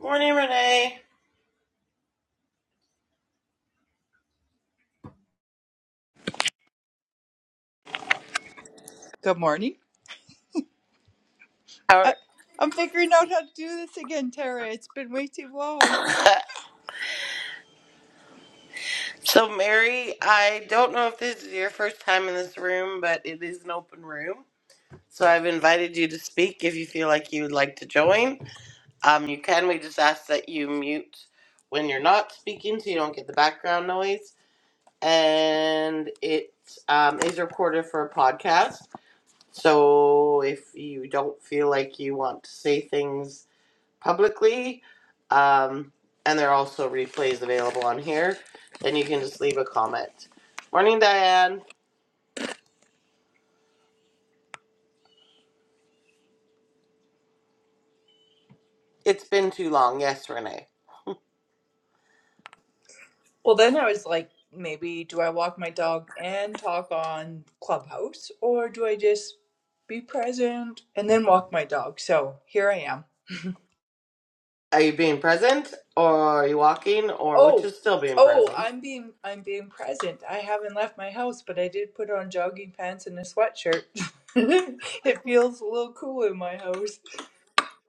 Morning, Renee. Good morning. How I, I'm figuring out how to do this again, Tara. It's been way too long. so, Mary, I don't know if this is your first time in this room, but it is an open room. So I've invited you to speak if you feel like you would like to join. Um, you can. We just ask that you mute when you're not speaking so you don't get the background noise. And it um, is recorded for a podcast. So if you don't feel like you want to say things publicly. Um, and there are also replays available on here. And you can just leave a comment. Morning, Diane. It's been too long. Yes, Renee. Well, then I was like, maybe do I walk my dog and talk on Clubhouse, or do I just be present and then walk my dog? So here I am. Are you being present, or are you walking, or which Oh, is still being oh, present? I'm being I'm being present. I haven't left my house, but I did put on jogging pants and a sweatshirt. it feels a little cool in my house.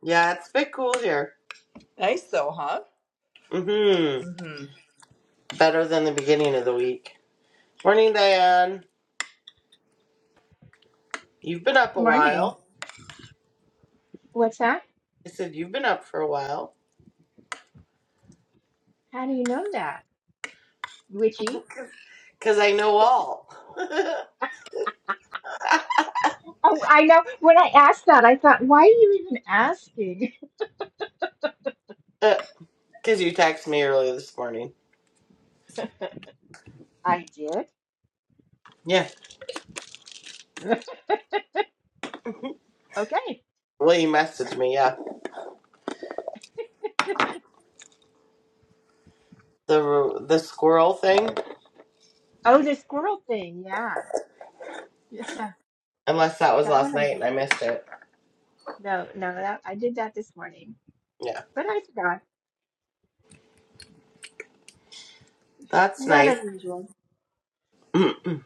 Yeah, it's a bit cool here. Nice though, huh? Mm-hmm. hmm Better than the beginning of the week. Morning, Diane. You've been up a Morning. while. What's that? I said you've been up for a while. How do you know that, Witchy? Because I know all. Oh, I know. When I asked that, I thought, why are you even asking? Because you texted me earlier this morning. I did. Yeah. Okay. Well, you messaged me, yeah. the the squirrel thing, Oh, the squirrel thing. Yeah. Yeah. unless that was That last one I night and did. I missed it. No, no, that I did that this morning. Yeah, But I forgot. that's Not nice. unusual. I'm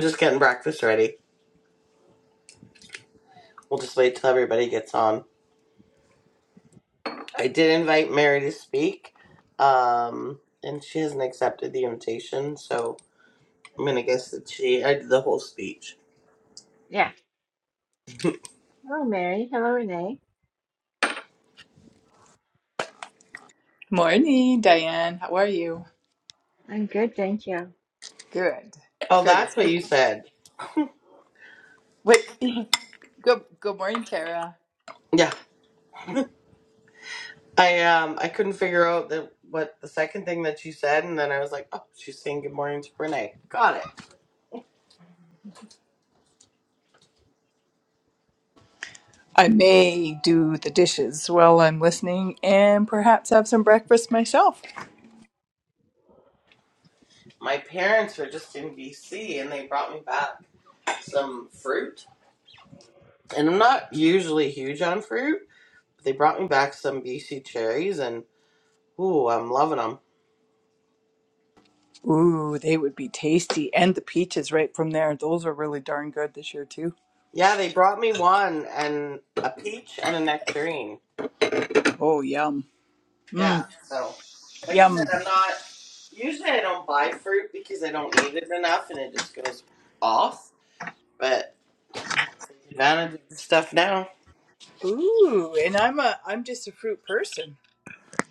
just getting breakfast ready. We'll just wait till everybody gets on. I did invite Mary to speak, um, and she hasn't accepted the invitation, so I'm gonna guess that she I did the whole speech. Yeah. Hello, Mary. Hello, Renee. Morning, Diane. How are you? I'm good, thank you. Good. Oh, Good. that's It's what good. you said. What? Good. Good morning, Tara. Yeah, I um I couldn't figure out the what the second thing that she said, and then I was like, oh, she's saying good morning to Renee. Got it. I may do the dishes while I'm listening, and perhaps have some breakfast myself. My parents were just in BC, and they brought me back some fruit. And I'm not usually huge on fruit. But they brought me back some BC cherries, and ooh, I'm loving them. Ooh, they would be tasty, and the peaches right from there. Those are really darn good this year too. Yeah, they brought me one and a peach and a nectarine. Oh, yum. Yeah, Mm, so like I said, I'm yum. not. Usually, I don't buy fruit because I don't eat it enough, and it just goes off. But advantage of the stuff now. Ooh, and I'm a I'm just a fruit person.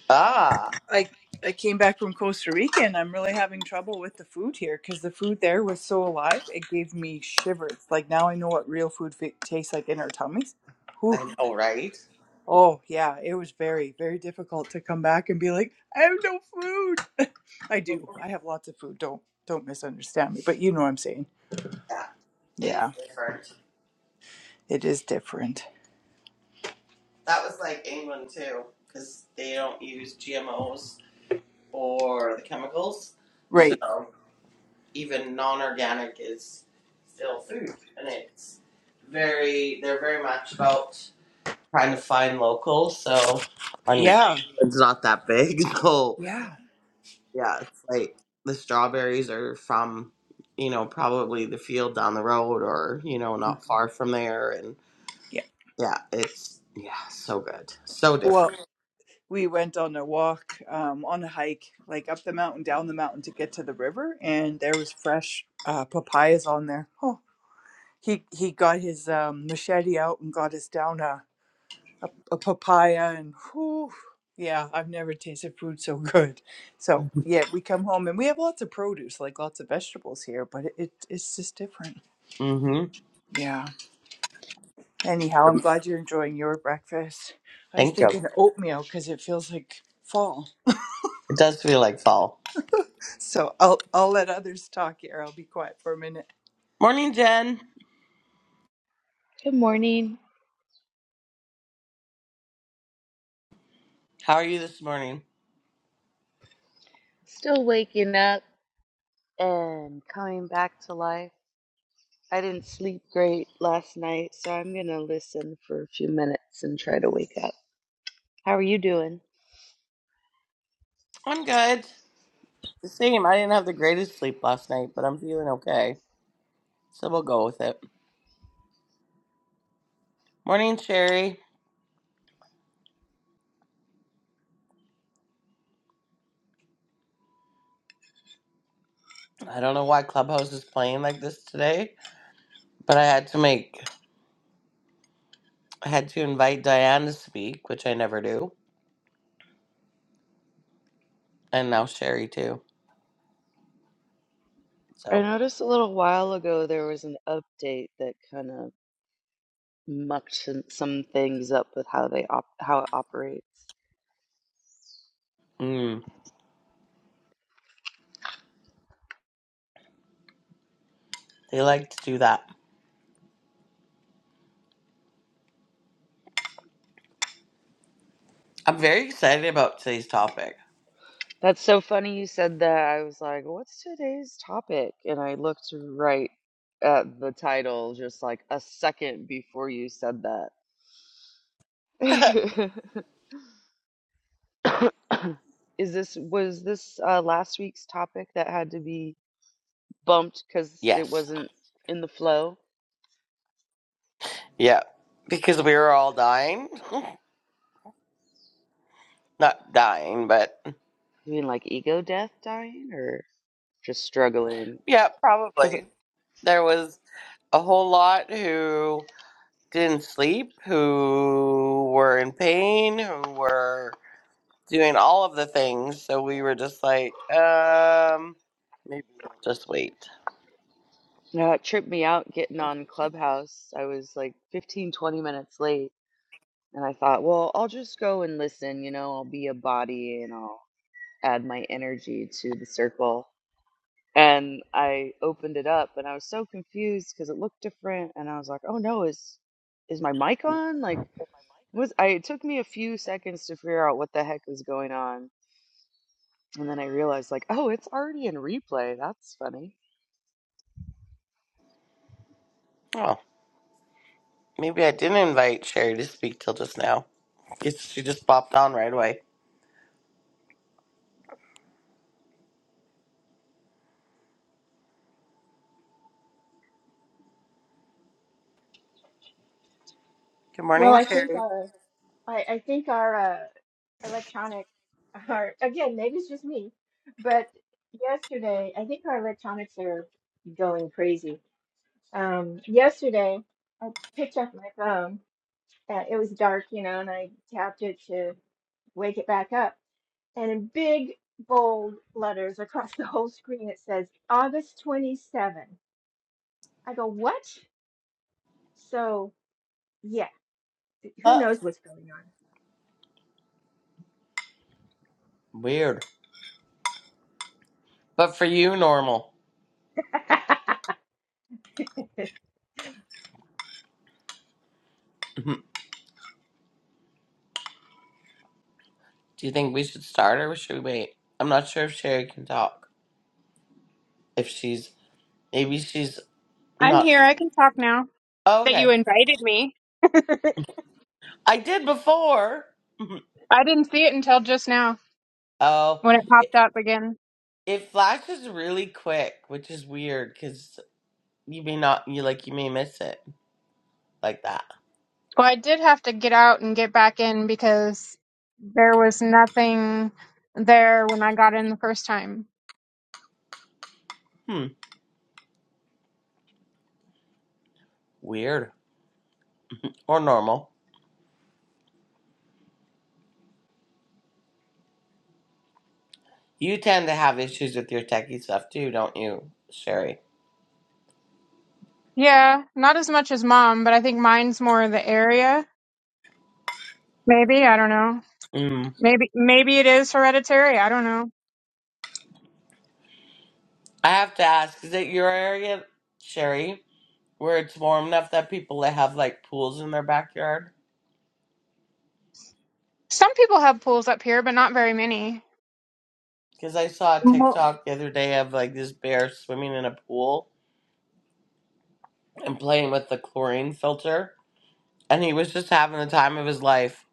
Ah, I I came back from Costa Rica and I'm really having trouble with the food here because the food there was so alive. It gave me shivers. Like now I know what real food f- tastes like in our tummies. Whew. I know, right? Oh yeah, it was very very difficult to come back and be like I have no food. I do. I have lots of food. Don't don't misunderstand me, but you know what I'm saying. Yeah, it's Yeah, different. it is different. That was like England too, because they don't use GMOs or the chemicals. So Right. even non-organic is still food, and it's very they're very much about trying to find local. So I mean, Yeah. it's not that big. So Yeah. yeah, it's like the strawberries are from you know probably the field down the road or you know not far from there, and Yeah. yeah, it's yeah so good, so Well, different. we went on a walk, um, on a hike, like up the mountain, down the mountain to get to the river, and there was fresh uh, papayas on there. Oh, he he got his um, machete out and got us down a a, a papaya, and whew, yeah, I've never tasted food so good. So yeah, we come home and we have lots of produce, like lots of vegetables here, but it, it it's just different. Mm-hmm. Yeah. Anyhow, I'm glad you're enjoying your breakfast. I was Thank you. thinking oatmeal because it feels like fall. It does feel like fall. So I'll I'll let others talk here. I'll be quiet for a minute. Morning, Jen. Good morning. How are you this morning? Still waking up and coming back to life. I didn't sleep great last night, so I'm going to listen for a few minutes and try to wake up. How are you doing? I'm good. The same. I didn't have the greatest sleep last night, but I'm feeling okay. So we'll go with it. Morning, Sherry. I don't know why Clubhouse is playing like this today, but I had to make, I had to invite Diane to speak, which I never do, and now Sherry too. I So, noticed a little while ago there was an update that kind of mucked some, some things up with how they op- how it operates. mm, they like to do that. I'm very excited about today's topic. That's so funny you said that. I was like, "What's today's topic?" and I looked right at the title just like a second before you said that. Is this was this uh, last week's topic that had to be bumped because it yes. wasn't in the flow? Yeah. Because we were all dying. Not dying, but You mean like ego death dying or just struggling? yeah, probably. There was. a whole lot who didn't sleep, who were in pain, who were doing all of the things. So we were just like, um, maybe we'll just wait. No, it tripped me out getting on Clubhouse. I was like 15, 20 minutes late, and I thought, well, I'll just go and listen. You know, I'll be a body and I'll add my energy to the circle. and I opened it up and I was so confused because it looked different and I was like, "Oh no, is is my mic on?" Like was I it took me a few seconds to figure out what the heck was going on. And then I realized like, "Oh, it's already in replay. That's funny." Oh, maybe I didn't invite Sherry to speak till just now. It's, she just popped on right away. Good Well, morning, I think Sherry. uh, I, I think our uh, electronics are, again, maybe it's just me, but yesterday, I think our electronics are going crazy. Um, yesterday, I picked up my phone. Uh, it was dark, you know, and I tapped it to wake it back up. And in big, bold letters across the whole screen, it says August 27. I go, what? So, yeah, who Uh, knows what's going weird. But for you, normal. on? Do you think we should start or should we wait? I'm not sure if Sherry can talk. If she's, maybe she's I'm not. here. I can talk now Oh, that Okay. you invited me. I did before. I didn't see it until just now Oh, when it it, popped up again. it flashes really quick, which is weird because you may not, you like, you may miss it like that. Well, I did have to get out and get back in because there was nothing there when I got in the first time. Hmm, weird or normal. You tend to have issues with your techie stuff too, don't you, Sherry? Yeah, not as much as mom, but I think mine's more the area. Maybe, I don't know. Mm. Maybe maybe it is hereditary. I don't know. I have to ask, is it your area, Sherry, where it's warm enough that people that have like pools in their backyard? Some people have pools up here, but not very many. Because I saw a Mo- TikTok the other day of like this bear swimming in a pool and playing with the chlorine filter. and he was just having the time of his life.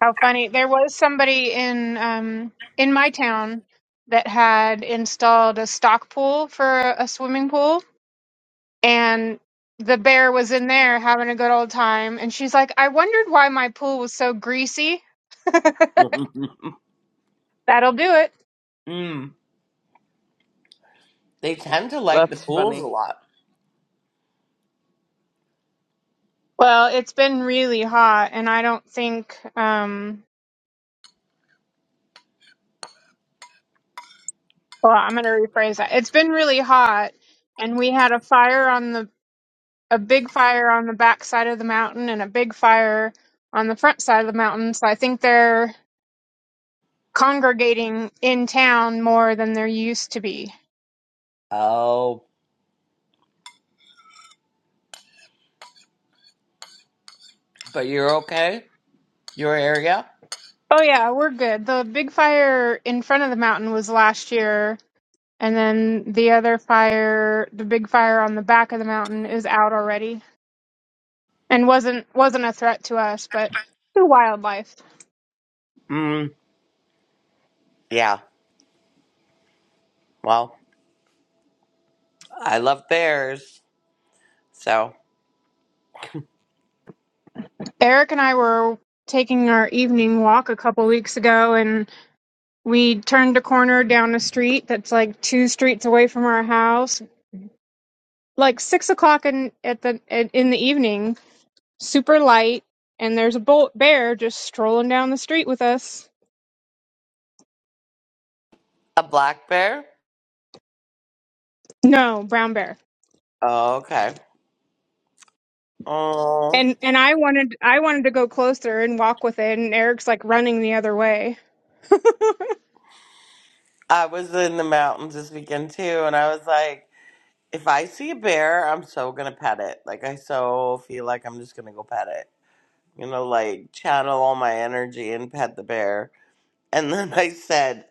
How funny. There was somebody in um in my town that had installed a stock pool for a a swimming pool and the bear was in there having a good old time and she's like, "I wondered why my pool was so greasy. mm. That'll do it." They tend to like the That's pools a funny. lot. Well, it's been really hot and I don't think um well, I'm going to rephrase that. It's been really hot and we had a fire on the a big fire on the back side of the mountain and a big fire on the front side of the mountain. So I think they're congregating in town more than there used to be. Oh, but you're okay? Your area? Oh yeah, we're good. The big fire in front of the mountain was last year, and then the other fire, the big fire on the back of the mountain is out already and wasn't wasn't a threat to us, but to wildlife. Mm. Yeah. Well, I love bears. So, Eric and I were taking our evening walk a couple weeks ago and we turned a corner down a street that's like two streets away from our house like six o'clock in at the in the evening super light, and there's a bull- bear just strolling down the street with us. a black bear? No, brown bear. Oh, okay. Oh, And and I wanted I wanted to go closer and walk with it, and Eric's like running the other way. I was in the mountains this weekend too, and I was like, if I see a bear, I'm so gonna pet it. Like, I so feel like I'm just gonna go pet it. You know, like channel all my energy and pet the bear. And then I said,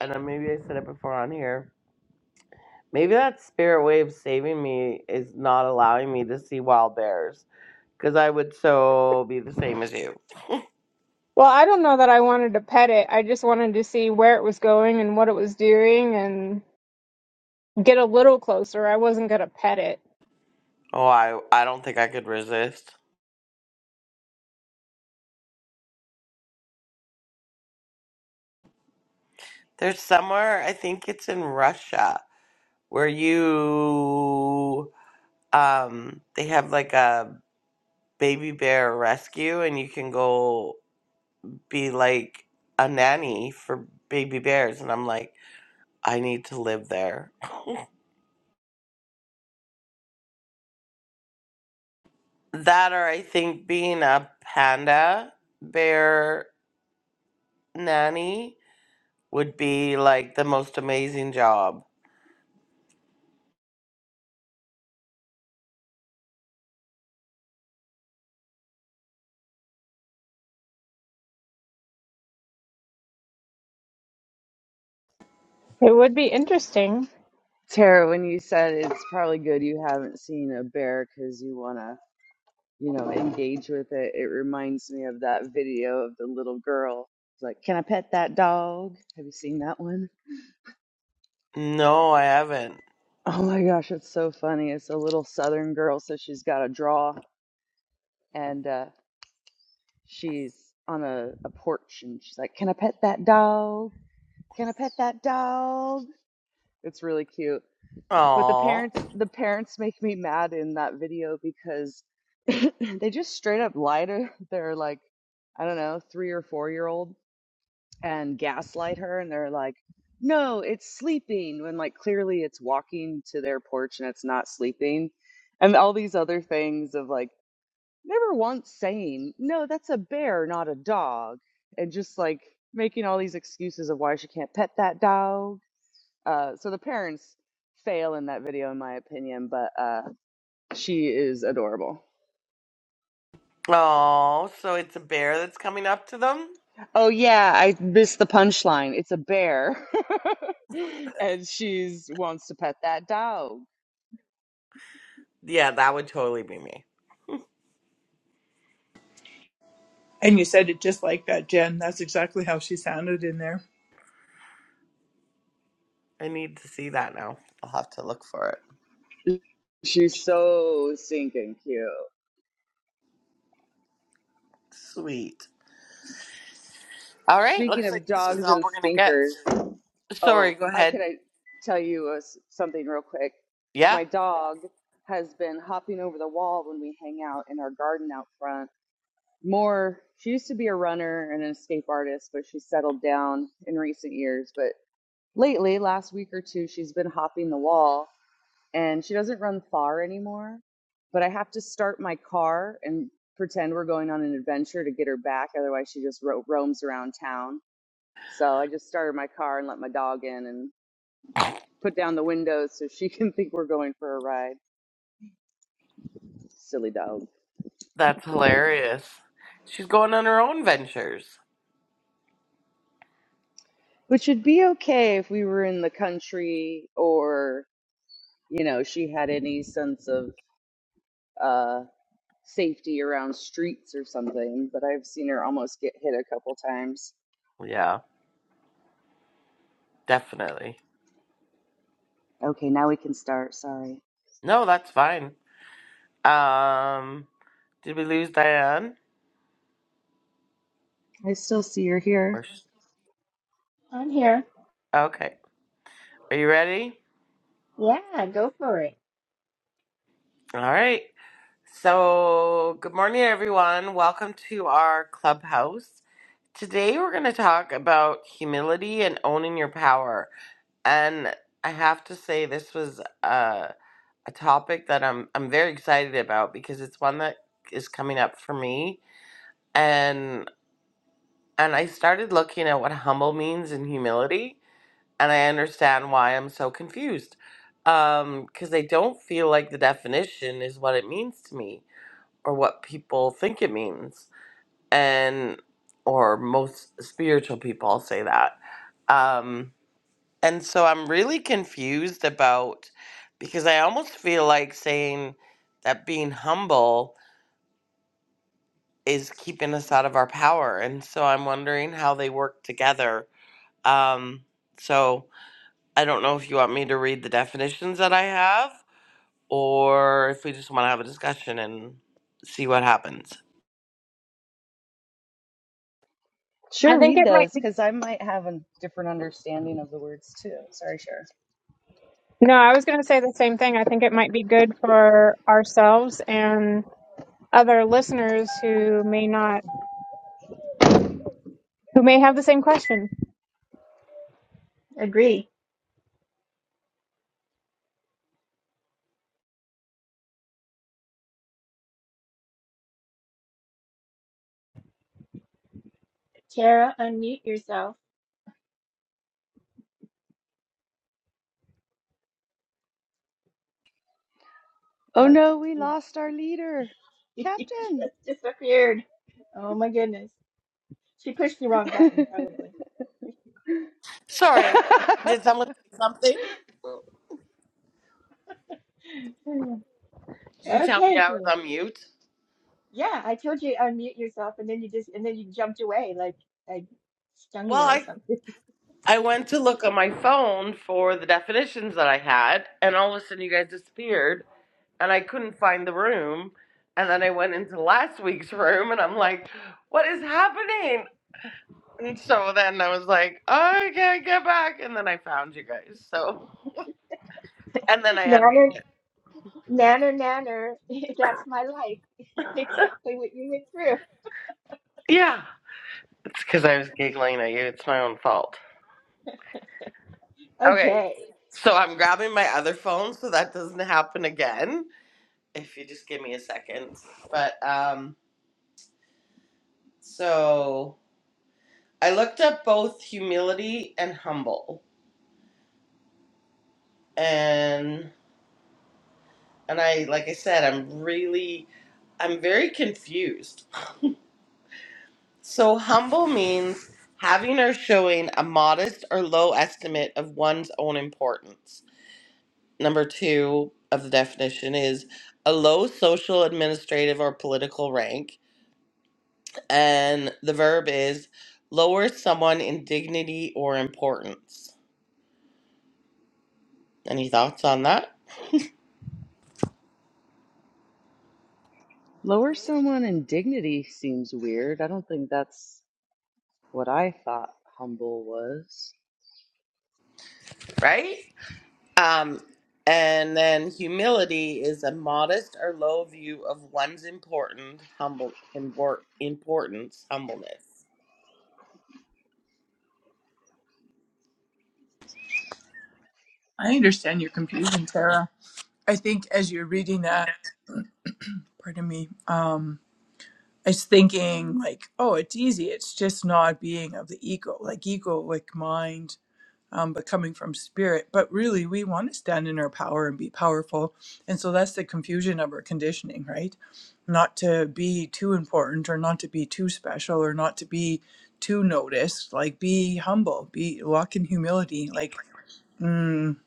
and then maybe I said it before on here, maybe that spirit way of saving me is not allowing me to see wild bears because I would so be the same as you. Well, I don't know that I wanted to pet it. I just wanted to see where it was going and what it was doing and get a little closer. I wasn't going to pet it. Oh, I, I don't think I could resist. There's somewhere, I think it's in Russia, where you, um, they have like a baby bear rescue and you can go be like a nanny for baby bears. And I'm like, I need to live there. That or I think being a panda bear nanny would be like the most amazing job. It would be interesting. Tara, when you said it's probably good you haven't seen a bear cuz you want to, you know, engage with it. It reminds me of that video of the little girl. It's like, "Can I pet that dog?" Have you seen that one? No, I haven't. Oh my gosh, it's so funny. It's a little southern girl, so she's got a draw and uh she's on a, a porch and she's like, Can I pet that dog? Can I pet that dog? It's really cute. But the Oh, parents the parents make me mad in that video because they just straight up lie to their like, I don't know, three or four year old and gaslight her and they're like no it's sleeping when like clearly it's walking to their porch and it's not sleeping and all these other things of like never once saying no that's a bear not a dog and just like making all these excuses of why she can't pet that dog uh so the parents fail in that video in my opinion but uh she is adorable oh, so it's a bear that's coming up to them? Oh yeah, I missed the punchline. It's a bear. And she's wants to pet that dog. Yeah, that would totally be me. And you said it just like that, Jen. That's exactly how she sounded in there. I need to see that now. I'll have to look for it. She's so stinking cute. Sweet. All right, Speaking looks like of this is dogs all and we're going to get. stinkers, Sorry, Oh, go I can ahead. I tell you a s something real quick? Yeah, My dog has been hopping over the wall when we hang out in our garden out front. More, she used to be a runner and an escape artist, but she settled down in recent years. But lately, last week or two, she's been hopping the wall and she doesn't run far anymore. But I have to start my car and pretend we're going on an adventure to get her back. Otherwise, she just ro roams around town. So I just started my car and let my dog in, and put down the windows so she can think we're going for a ride. Silly dog. that's hilarious. She's going on her own ventures. Which would be okay if we were in the country or, you know, she had any sense of uh, safety around streets or something. But I've seen her almost get hit a couple times. Yeah, definitely. Okay, now we can start. Sorry. No, that's fine. Um, did we lose Diane? I still see you're Or here. sh- I'm here. okay. Are you ready? Yeah, go for it. All right. So, good morning, everyone. Welcome to our clubhouse. Today, we're going to talk about humility and owning your power. And I have to say, this was a, a topic that I'm I'm very excited about because it's one that is coming up for me. And and I started looking at what humble means in humility and I understand why I'm so confused. Um, because I don't feel like the definition is what it means to me or what people think it means. And or most spiritual people I'll say that. Um, and so I'm really confused about because I almost feel like saying that being humble is keeping us out of our power. And so I'm wondering how they work together. Um, so I don't know if you want me to read the definitions that I have or if we just want to have a discussion and see what happens. I Sure, think read it might those be because I might have a different understanding of the words too. Sorry, Cher. No, I was going to say the same thing. I think it might be good for ourselves and other listeners who may not who may have the same question. Agree. Tara, unmute yourself. Oh Oh, no, we she lost our leader, she Captain. just disappeared. Oh my goodness. She pushed the wrong button, probably. Sorry, did someone say something? Did you tell me Okay. I was cool. on mute? Yeah, I told you unmute yourself and then you just and then you jumped away like I stung you Well, or I something. I went to look on my phone for the definitions that I had, and all of a sudden you guys disappeared, and I couldn't find the room. And then I went into last week's room, and I'm like, "What is happening?" And so then I was like, "I can't get back," and then I found you guys. So. And then I unmuted Nanner, it. nanner, nanner. That's my life. Exactly what you went through. yeah. It's because I was giggling at you. It's my own fault. Okay. Okay. So I'm grabbing my other phone so that doesn't happen again. If you just give me a second. But um so I looked up both humility and humble. And and I like I said, I'm really I'm very confused. So, humble means having or showing a modest or low estimate of one's own importance. number two of the definition is a low social, administrative, or political rank. And the verb is lower someone in dignity or importance. Any thoughts on that? Lower someone in dignity seems weird. I don't think that's what I thought humble was. Right? Um, and then humility is a modest or low view of one's important, humble, import, importance, humbleness. I understand your confusion, Tara. I think as you're reading that, pardon me, um, I was thinking like, oh, it's easy. It's just not being of the ego, like egoic mind. um, but coming from spirit. But really, we want to stand in our power and be powerful. And so that's the confusion of our conditioning, right? Not to be too important or not to be too special or not to be too noticed. Like, be humble, be walk in humility. Like, mm,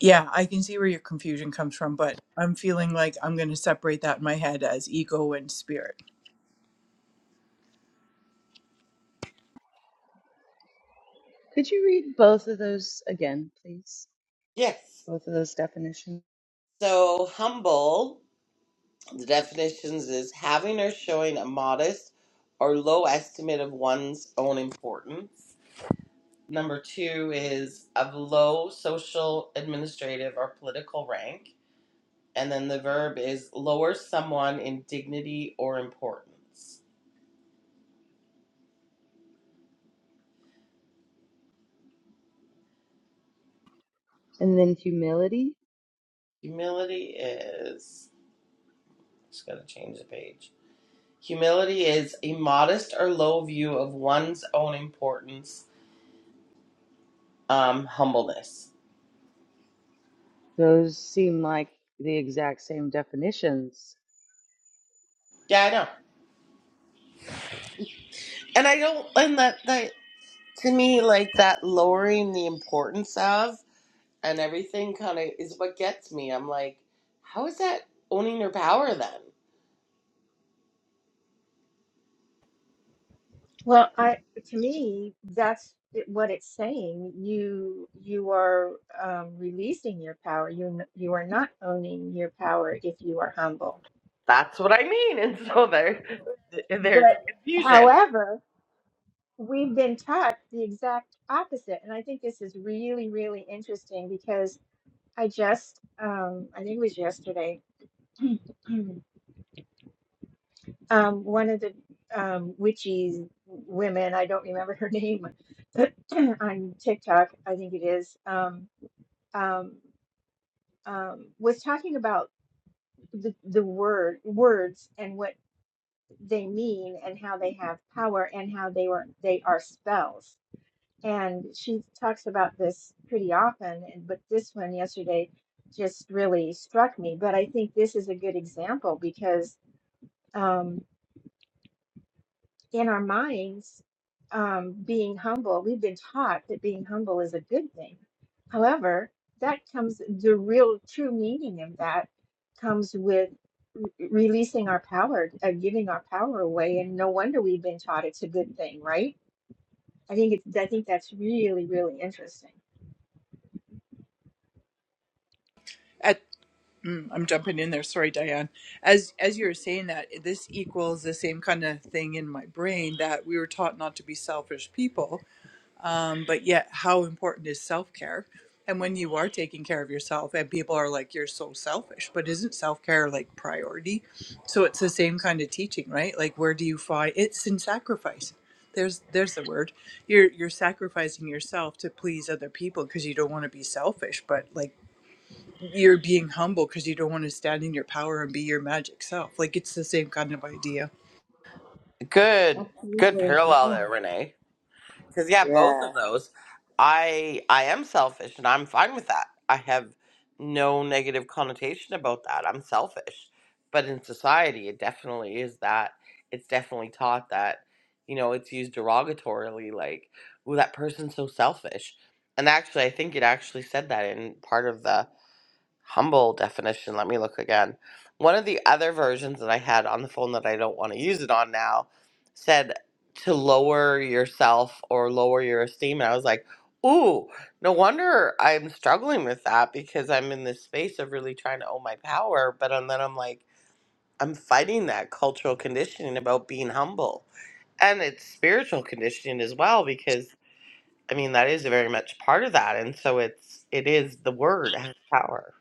yeah, I can see where your confusion comes from, but I'm feeling like I'm going to separate that in my head as ego and spirit. Could you read both of those again, please? Yes. Both of those definitions. So humble The definitions is having or showing a modest or low estimate of one's own importance. Number two is of low social, administrative, or political rank. And then the verb is lower someone in dignity or importance. And then humility. Humility is, just gotta change the page. Humility is a modest or low view of one's own importance, um, humbleness. Those seem like the exact same definitions. Yeah, I know. And I don't, and that, that to me like that lowering the importance of and everything kind of is what gets me i'm like how is that owning your power then Well, I to me, that's it- what it's saying. You you are um, releasing your power. You n- you are not owning your power if you are humble. That's what I mean. And so there, there's a But confusion. however, we've been taught the exact opposite, and I think this is really really interesting because I just um, I think it was yesterday. Um, one of the um, witchy women, I don't remember her name, on TikTok, I think it is. Um, um, um, was talking about the, the word words and what they mean and how they have power and how they were they are spells. And she talks about this pretty often, and but this one yesterday just really struck me. But I think this is a good example because um, in our minds, um, being humble, we've been taught that being humble is a good thing. However, that comes, the real true meaning of that comes with re- releasing our power, uh, giving our power away. And no wonder we've been taught it's a good thing, right? I think it's, I think that's really, really interesting. Mm, I'm jumping in there. Sorry, Diane. As as you were saying that, this equals the same kind of thing in my brain that we were taught not to be selfish people. Um, but yet, how important is self care? And when you are taking care of yourself, and people are like, "You're so selfish," but isn't self care like priority? So it's the same kind of teaching, right? Like, where do you find it's in sacrifice? There's there's the word. You're you're sacrificing yourself to please other people because you don't want to be selfish, but like you're being humble because you don't want to stand in your power and be your magic self. Like it's the same kind of idea. Good, good Absolutely. parallel Yeah. there, Renee. Because yeah, both Yeah. of those, I I am selfish and I'm fine with that. I have no negative connotation about that. I'm selfish, but in society, it definitely is that. It's definitely taught that, you know, it's used derogatorily, like, "Oh, that person's so selfish." And actually, I think it actually said that in part of the humble definition. Let me look again. One of the other versions that I had on the phone that I don't want to use it on now said to lower yourself or lower your esteem. And I was like, ooh, no wonder I'm struggling with that because I'm in this space of really trying to own my power. But and then I'm like, I'm fighting that cultural conditioning about being humble. And it's spiritual conditioning as well because I mean that is very much part of that. And so it's it is the word has power.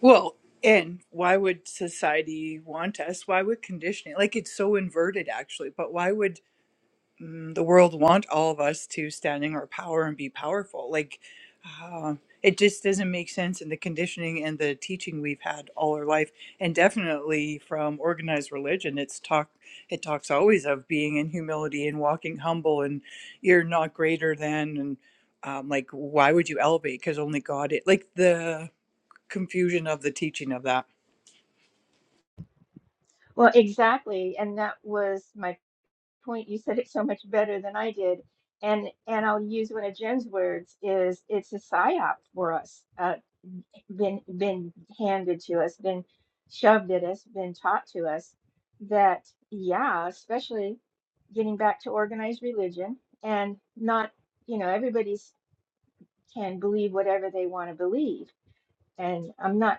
Well, and why would society want us? Why would conditioning? Like it's so inverted actually, but why would mm, the world want all of us to stand in our power and be powerful? Like um, it just doesn't make sense in the conditioning and the teaching we've had all our life and definitely from organized religion it's talk it talks always of being in humility and walking humble and you're not greater than and um, like why would you elevate because only god it like the confusion of the teaching of that Well, exactly. And that was my point you said it so much better than I did. And and I'll use one of Jim's words is it's a psyop for us, uh, been been handed to us, been shoved at us, been taught to us that yeah, especially getting back to organized religion and not you know everybody's can believe whatever they want to believe. And I'm not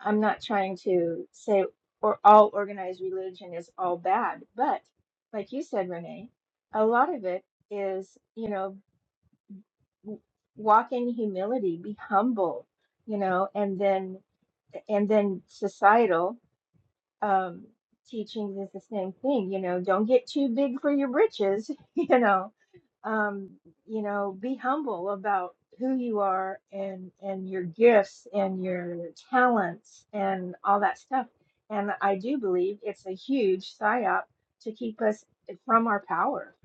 I'm not trying to say or all organized religion is all bad, but like you said, Renee, a lot of it is, you know, w- walk in humility, be humble, you know, and then and then societal um, teachings is the same thing. You know, don't get too big for your britches. You know, um, you know, be humble about who you are and and your gifts and your talents and all that stuff. And I do believe it's a huge psyop to keep us from our power,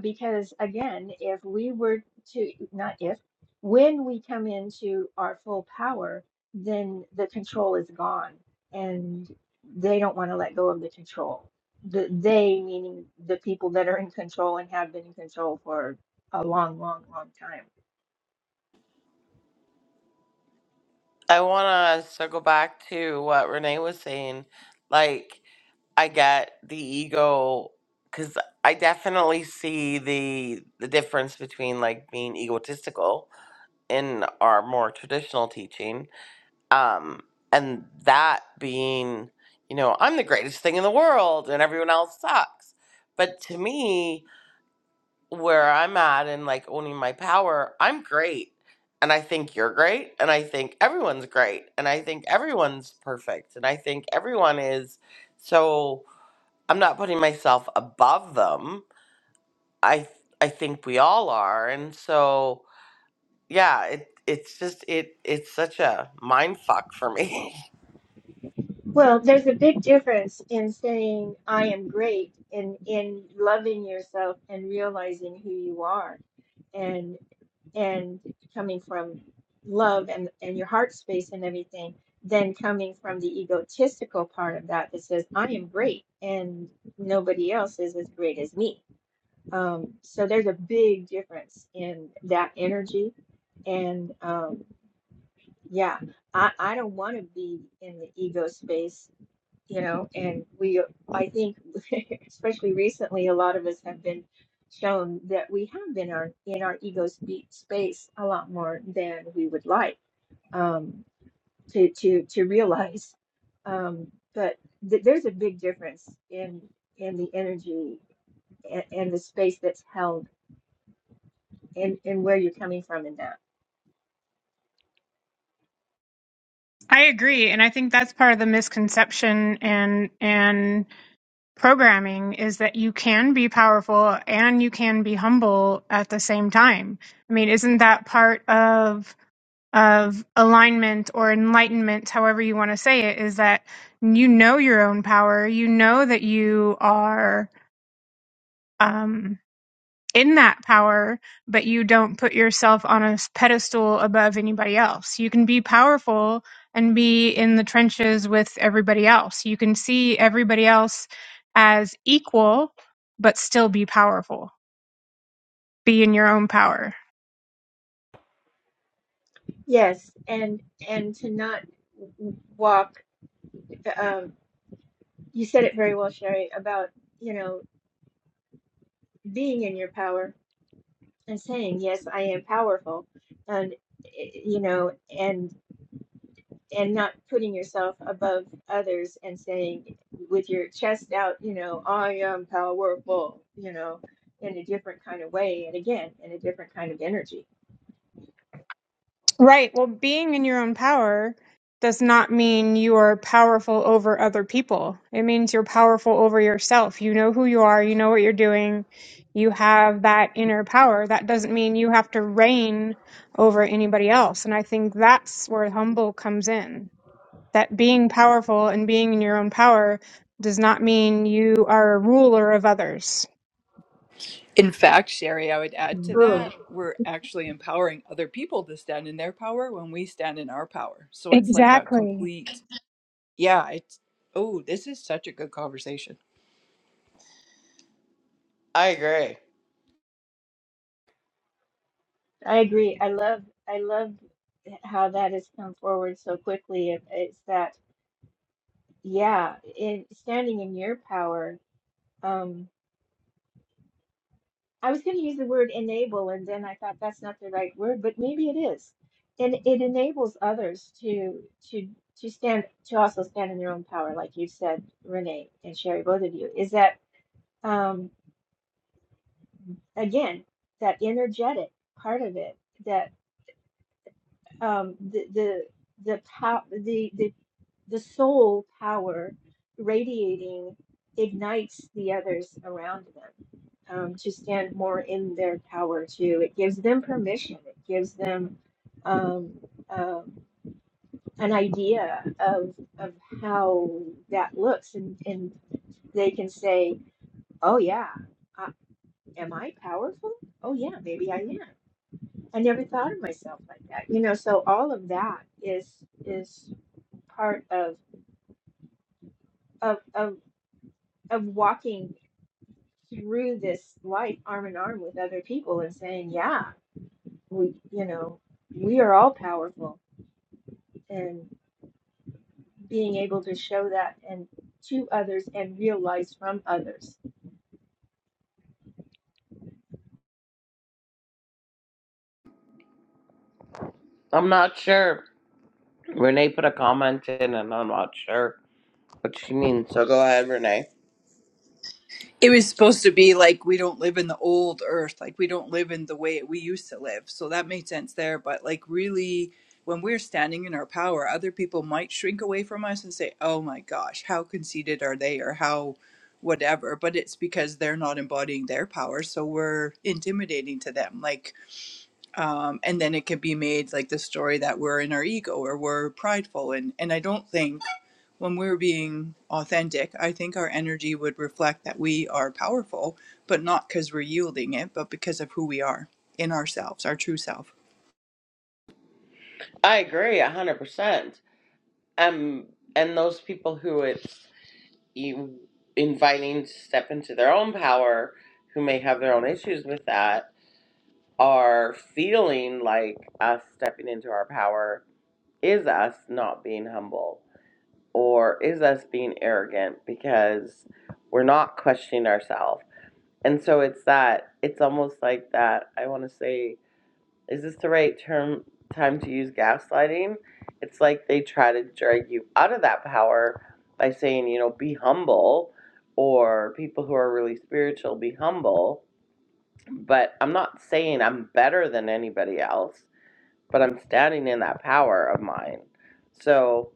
because again, if we were to not if when we come into our full power, then the control is gone and they don't want to let go of the control. The they meaning the people that are in control and have been in control for a long, long, long time. I want to circle back to what Renee was saying. Like, I get the ego because I definitely see the the difference between like being egotistical in our more traditional teaching, um, and that being, you know, I'm the greatest thing in the world and everyone else sucks. But to me, where I'm at and like owning my power, I'm great. And I think you're great. And I think everyone's great. And I think everyone's perfect. And I think everyone is. So I'm not putting myself above them. I I think we all are. And so yeah, it it's just it it's such a mind fuck for me. Well, there's a big difference in saying I am great and in loving yourself and realizing who you are and and coming from love and, and your heart space and everything than coming from the egotistical part of that that says I am great and nobody else is as great as me Um, so there's a big difference in that energy. And um, yeah, I, I don't want to be in the ego space, you know, and we, I think, especially recently, a lot of us have been shown that we have been our, in our ego spe- space a lot more than we would like um, to, to, to realize. Um, but th- there's a big difference in, in the energy and, and the space that's held and and where you're coming from in that. I agree, and I think that's part of the misconception and and programming is that you can be powerful and you can be humble at the same time. I mean, isn't that part of of alignment or enlightenment, however you want to say it, is that you know your own power, you know that you are. Um, in that power, but you don't put yourself on a pedestal above anybody else. You can be powerful and be in the trenches with everybody else. You can see everybody else as equal, but still be powerful, be in your own power. Yes, and and to not walk. Um, you said it very well, Sherry, about you know being in your power and saying yes, I am powerful, and eh, you know and and not putting yourself above others and saying with your chest out, you know, I am powerful, you know, in a different kind of way, and again in a different kind of energy. Right. Well, being in your own power does not mean you are powerful over other people. It means you're powerful over yourself. You know who you are, you know what you're doing, you have that inner power. That doesn't mean you have to reign over anybody else. And I think that's where humble comes in. That being powerful and being in your own power does not mean you are a ruler of others. In fact, Sherry, I would add to Mhm. that, we're actually empowering other people to stand in their power when we stand in our power. So it's like a Exactly. complete Yeah, it's oh, this is such a good conversation. I agree. I agree. I love. I love how that has come forward so quickly. It, it's that, yeah, in standing in your power. Um, I was going to use the word enable, and then I thought that's not the right word, but maybe it is. And it enables others to to to stand to also stand in their own power, like you said, Renee and Sherry, both of you. Is that um, again that energetic part of it? That um, the the the pow- the. the the soul power radiating ignites the others around them um, to stand more in their power too. It gives them permission. It gives them um, um, an idea of of how that looks, and and they can say, "Oh yeah, I, am I powerful? Oh yeah, maybe I am. I never thought of myself like that." You know, so all of that is is part of of of of walking through this life arm in arm with other people and saying, yeah, we, you know, we are all powerful and being able to show that and to others and realize from others. I'm not sure. Renee put a comment in and I'm not sure what she means. So go ahead, Renee. It was supposed to be like we don't live in the old earth, like we don't live in the way we used to live. So that made sense there. But like, really, when we're standing in our power, other people might shrink away from us and say, oh my gosh, how conceited are they or how whatever. But it's because they're not embodying their power. So we're intimidating to them. Like, um, and then it could be made like the story that we're in our ego or we're prideful. And, and I don't think when we're being authentic, I think our energy would reflect that we are powerful, but not because we're yielding it, but because of who we are in ourselves, our true self. I agree a hundred percent. um and those people who it's e, inviting to step into their own power who may have their own issues with that are feeling like us stepping into our power is us not being humble or is us being arrogant because we're not questioning ourselves and so it's that it's almost like that i want to say is this the right term time to use gaslighting it's like they try to drag you out of that power by saying you know be humble or people who are really spiritual be humble but i'm not saying i'm better than anybody else but i'm standing in that power of mine so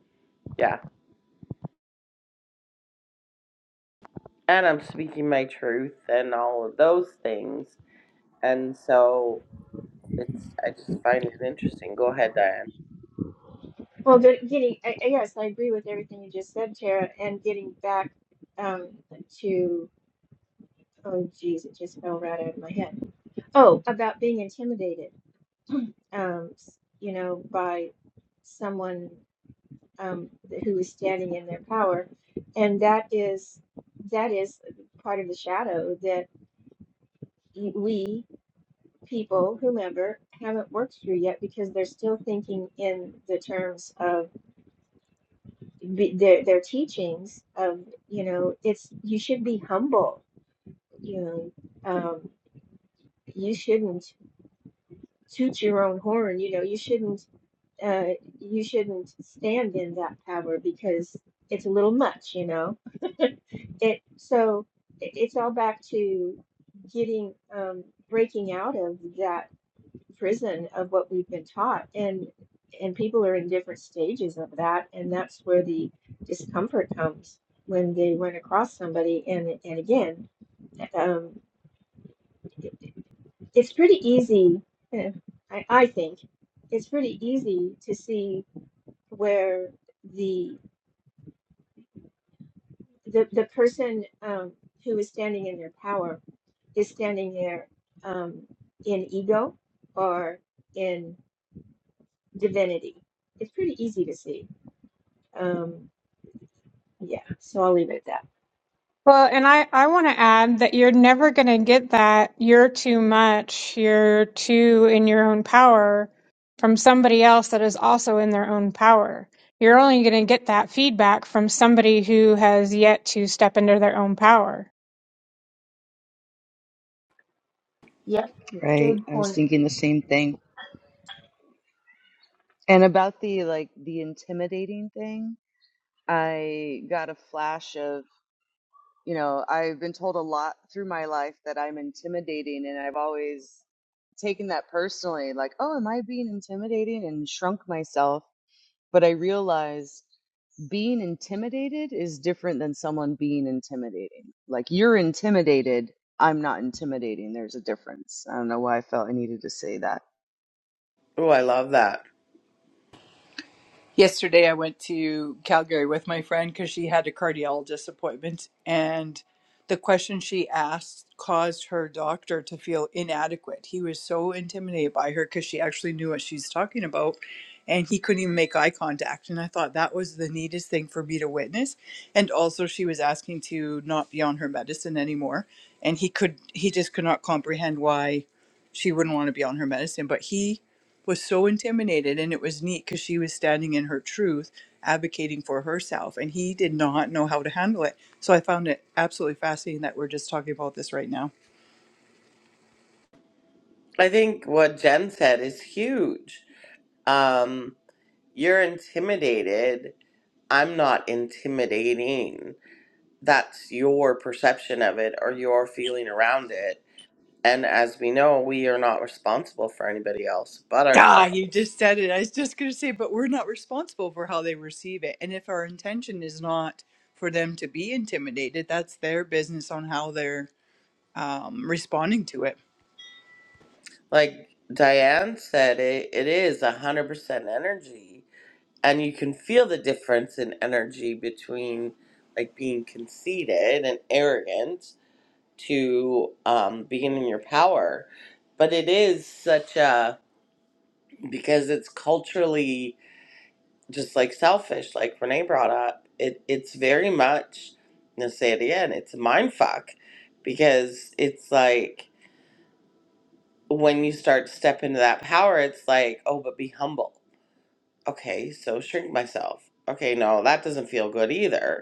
yeah and i'm speaking my truth and all of those things and so it's i just find it interesting go ahead diane Well, get- getting, I, I- yes, I agree with everything you just said, Tara, and getting back um, to, oh, geez, it just fell right out of my head. Oh, about being intimidated, um, s- you know, by someone um, who is standing in their power, and that is that is part of the shadow that we people, whomever, haven't worked through yet because they're still thinking in the terms of be- their their teachings of you know it's you should be humble, you know, um, you shouldn't toot your own horn, you know, you shouldn't uh, you shouldn't stand in that power because it's a little much, you know it so it, it's all back to getting um breaking out of that prison of what we've been taught and and people are in different stages of that and that's where the discomfort comes when they run across somebody and and again um it- it's pretty easy eh, I, I think it's pretty easy to see where the the, the person um, who is standing in their power is standing there um, in ego or in divinity. It's pretty easy to see. Um, yeah, so I'll leave it at that. Well, and I, I want to add that you're never going to get that you're too much, you're too in your own power from somebody else that is also in their own power. You're only going to get that feedback from somebody who has yet to step into their own power. Yep, Right. good I was point. thinking the same thing. And about the like the intimidating thing, I got a flash of you know, I've been told a lot through my life that I'm intimidating, and I've always taken that personally like, oh, am I being intimidating? And shrunk myself. But I realized being intimidated is different than someone being intimidating. Like, you're intimidated. I'm not intimidating. There's a difference. I don't know why I felt I needed to say that. oh i love that Yesterday, I went to Calgary with my friend because she had a cardiologist appointment, and the question she asked caused her doctor to feel inadequate. He was so intimidated by her because she actually knew what she's talking about, and he couldn't even make eye contact. And I thought that was the neatest thing for me to witness. And also, she was asking to not be on her medicine anymore, and he could he just could not comprehend why she wouldn't want to be on her medicine, but he was so intimidated and it was neat because she was standing in her truth advocating for herself and he did not know how to handle it so i found it absolutely fascinating that we're just talking about this right now I think what Jen said is huge. Um, you're intimidated. I'm not intimidating. That's your perception of it or your feeling around it. And as we know, we are not responsible for anybody else but ah you just ourselves. said it i was just going to say but we're not responsible for how they receive it and if our intention is not for them to be intimidated that's their business on how they're um, responding to it Like Diane said, it, it is 100% energy. And you can feel the difference in energy between like being conceited and arrogant to um, being in your power. But it is such a because it's culturally just like selfish, like Renee brought up. It it's very much. I'm gonna say it again. It's a mind fuck because it's like when you start to step into that power, it's like oh, but be humble. Okay, so shrink myself. Okay, no, that doesn't feel good either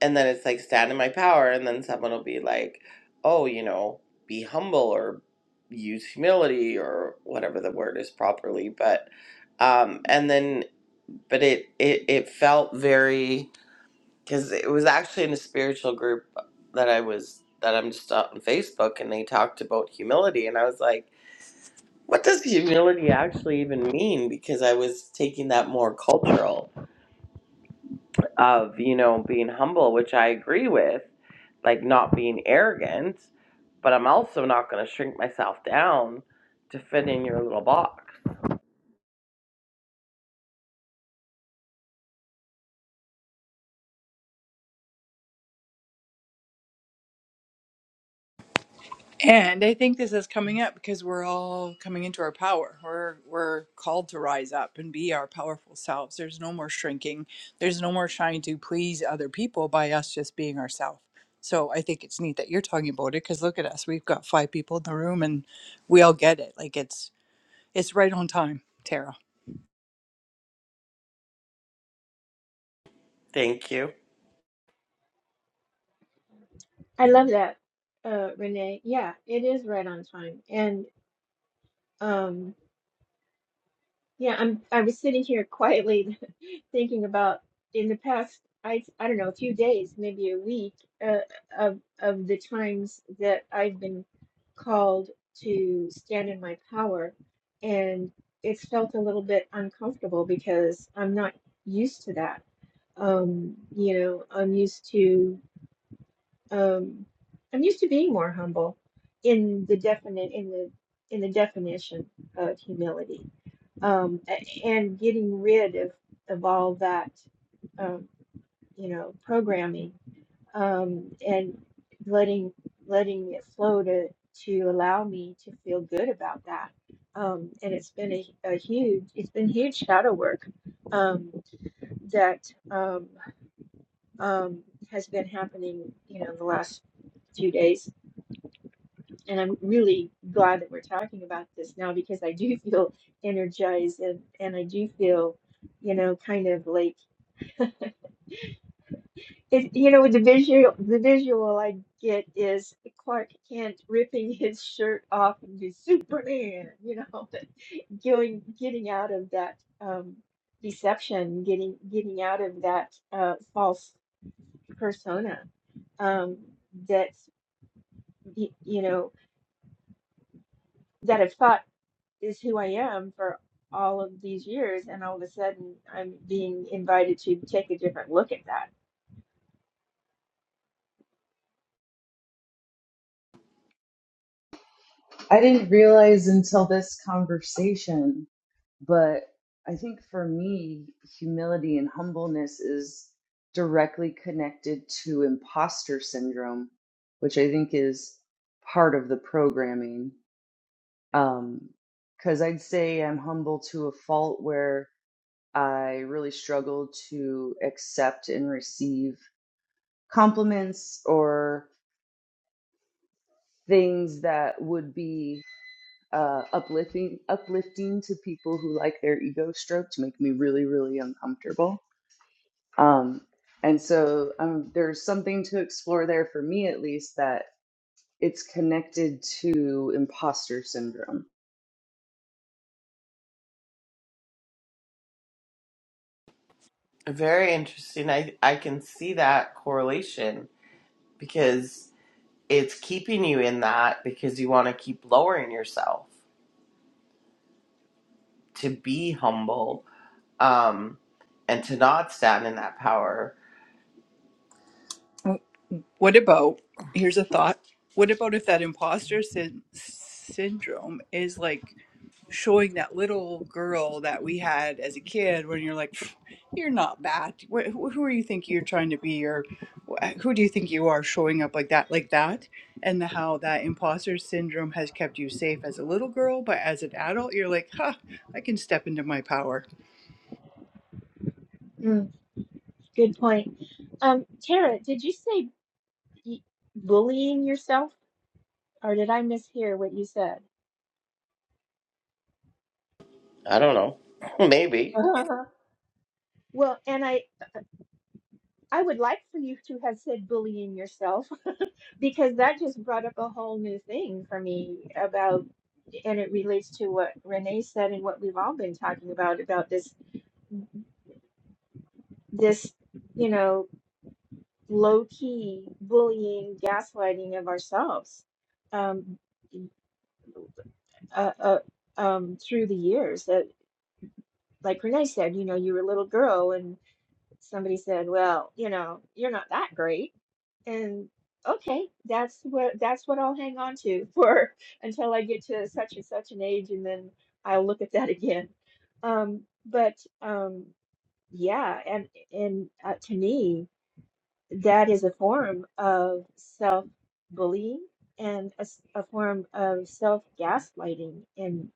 and then it's like stand in my power and then someone will be like oh you know be humble or use humility or whatever the word is properly but um and then but it it, it felt very because it was actually in a spiritual group that i was that i'm just on facebook and they talked about humility and i was like what does humility actually even mean because i was taking that more cultural of you know being humble which i agree with like not being arrogant, but I'm also not going to shrink myself down to fit in your little box. And I think this is coming up because we're all coming into our power. We're we're called to rise up and be our powerful selves. There's no more shrinking. There's no more trying to please other people by us just being ourselves. So I think it's neat that you're talking about it because look at us. We've got five people in the room and we all get it. Like it's it's right on time, Tara. Thank you. I love that, uh, Renee. Yeah, it is right on time. And um, Yeah, I'm I was sitting here quietly thinking about in the past I I don't know, a few days, maybe a week, uh, of of the times that I've been called to stand in my power and it's felt a little bit uncomfortable because I'm not used to that. Um, you know, I'm used to um I'm used to being more humble in the definite in the in the definition of humility um, a- and getting rid of, of all that, um, you know, programming um, and letting letting it flow to to allow me to feel good about that. Um, and it's been a, a huge it's been huge shadow work um, that um, um, has been happening, you know, the last few days and I'm really glad that we're talking about this now because I do feel energized and, and I do feel, you know, kind of like it, you know, the visual the visual I get is Clark Kent ripping his shirt off and be Superman, you know, going getting out of that um, deception, getting getting out of that uh, false persona um, that y- you know that have thought. is who I am for all of these years, and all of a sudden I'm being invited to take a different look at that. I didn't realize until this conversation But I think for me, humility and humbleness is directly connected to imposter syndrome, which I think is part of the programming. Um, because I'd say I'm humble to a fault where I really struggle to accept and receive compliments or things that would be uh, uplifting uplifting to people who like their ego stroked make me really really uncomfortable Um, and so um, there's something to explore there for me, at least, that it's connected to imposter syndrome. Very interesting. I I can see that correlation because it's keeping you in that because you want to keep lowering yourself to be humble Um, and to not stand in that power, What about here's a thought. What about if that imposter syn- syndrome is like showing that little girl that we had as a kid when you're like you're not bad Wh- who are you think you're trying to be or who do you think you are showing up like that like that and the, how that imposter syndrome has kept you safe as a little girl but as an adult you're like huh i can step into my power Mm, good point. Um, Tara, did you say y- bullying yourself, or did I mishear what you said? I don't know. Maybe. Uh-huh. Well, and I I would like for you to have said bullying yourself because that just brought up a whole new thing for me about. and it relates to what Renee said and what we've all been talking about about this this you know low key bullying gaslighting of ourselves um, uh, uh, um, through the years that like Renee said you know you were a little girl and somebody said well you know you're not that great and okay that's what that's what i'll hang on to for until i get to such and such an age and then i'll look at that again um but um yeah and and uh, to me that is a form of self bullying and a, s- a form of self gaslighting and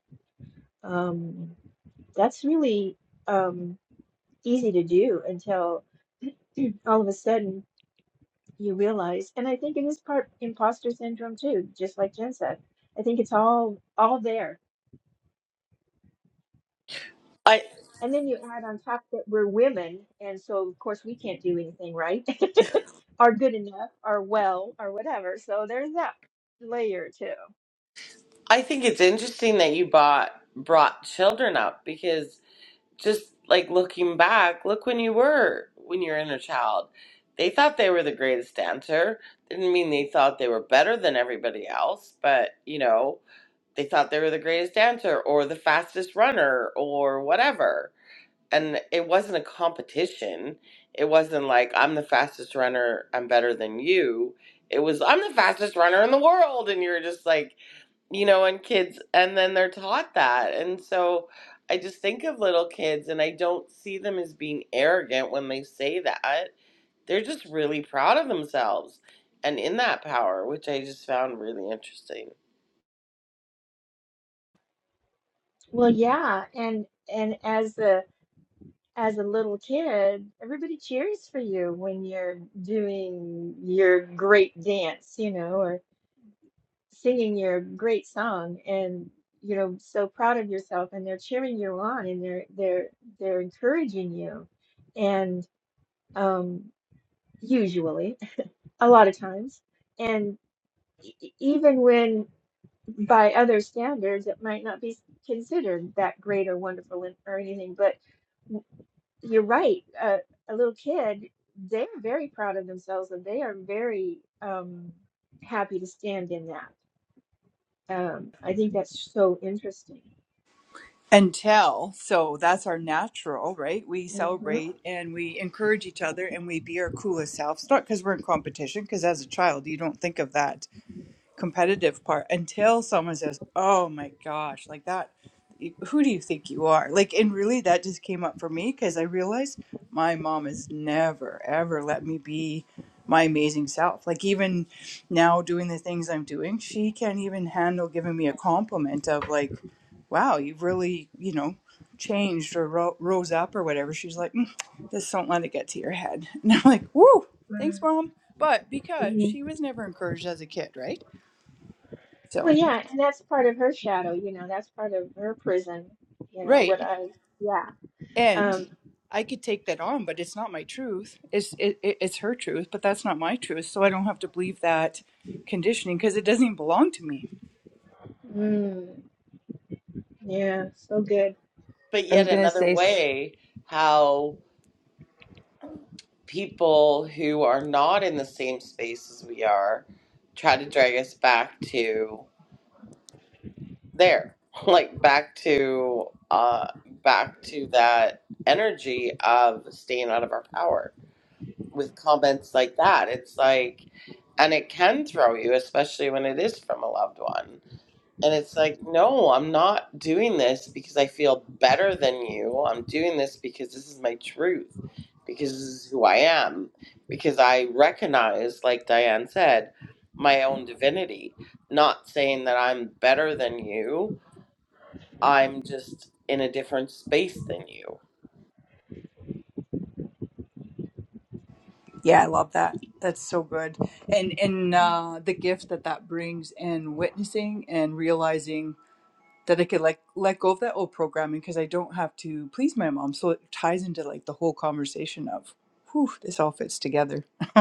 um that's really um easy to do until all of a sudden you realize and i think it is part imposter syndrome too just like jen said i think it's all all there I and then you add on top that we're women and so of course we can't do anything right or good enough or well or whatever so there's that layer too I think it's interesting that you bought brought children up because just like looking back, look when you were when you're in a child. They thought they were the greatest dancer. Didn't mean they thought they were better than everybody else, but you know, they thought they were the greatest dancer or the fastest runner or whatever and it wasn't a competition. It wasn't like I'm the fastest runner, I'm better than you. It was I'm the fastest runner in the world and you're just like, you know, and kids and then they're taught that. And so I just think of little kids and I don't see them as being arrogant when they say that. They're just really proud of themselves and in that power, which I just found really interesting. well yeah and and as a as a little kid everybody cheers for you when you're doing your great dance you know singing your great song and you know so proud of yourself and they're cheering you on and they're they're they're encouraging you and um usually a lot of times and e- e- even when by other standards it might not be considered that great or wonderful and- or anything but w- you're right uh, a little kid they're very proud of themselves and they are very um happy to stand in that um, I think that's so interesting. and tell so that's our natural right we hmm celebrate and we encourage each other and we be our coolest selves not because we're in competition because as a child you don't think of that competitive part until someone says, "Oh my gosh, like that who do you think you are?" Like and really that just came up for me cuz I realized my mom has never ever let me be my amazing self. Like even now doing the things I'm doing, she can't even handle giving me a compliment of like, "Wow, you've really, you know, changed or ro- rose up or whatever." She's like, "Mm, "Just don't let it get to your head." And I'm like, "Woo, thanks, mom." But because hmm she was never encouraged as a kid, right? Well, So yeah, and that's part of her shadow, you know, that's part of her prison, you know, right, what I, yeah. and Um, I could take that on, but it's not my truth. It's it, it, it's her truth, but that's not my truth. So I don't have to believe that conditioning because it doesn't even belong to me. mm, yeah, so good. But I yet was gonna another say, s- way how people who are not in the same space as we are try to drag us back to there like back to uh back to that energy of staying out of our power with comments like that it's like and it can throw you especially when it is from a loved one and it's like, no, I'm not doing this because I feel better than you. I'm doing this because this is my truth, because this is who I am, because I recognize, like Diane said, my own divinity. Not saying that I'm better than you, I'm just in a different space than you. Yeah, I love that. That's so good, and and uh, the gift that that brings, and witnessing and realizing that I could like let go of that old programming because I don't have to please my mom. So it ties into like the whole conversation of, whew, this all fits together.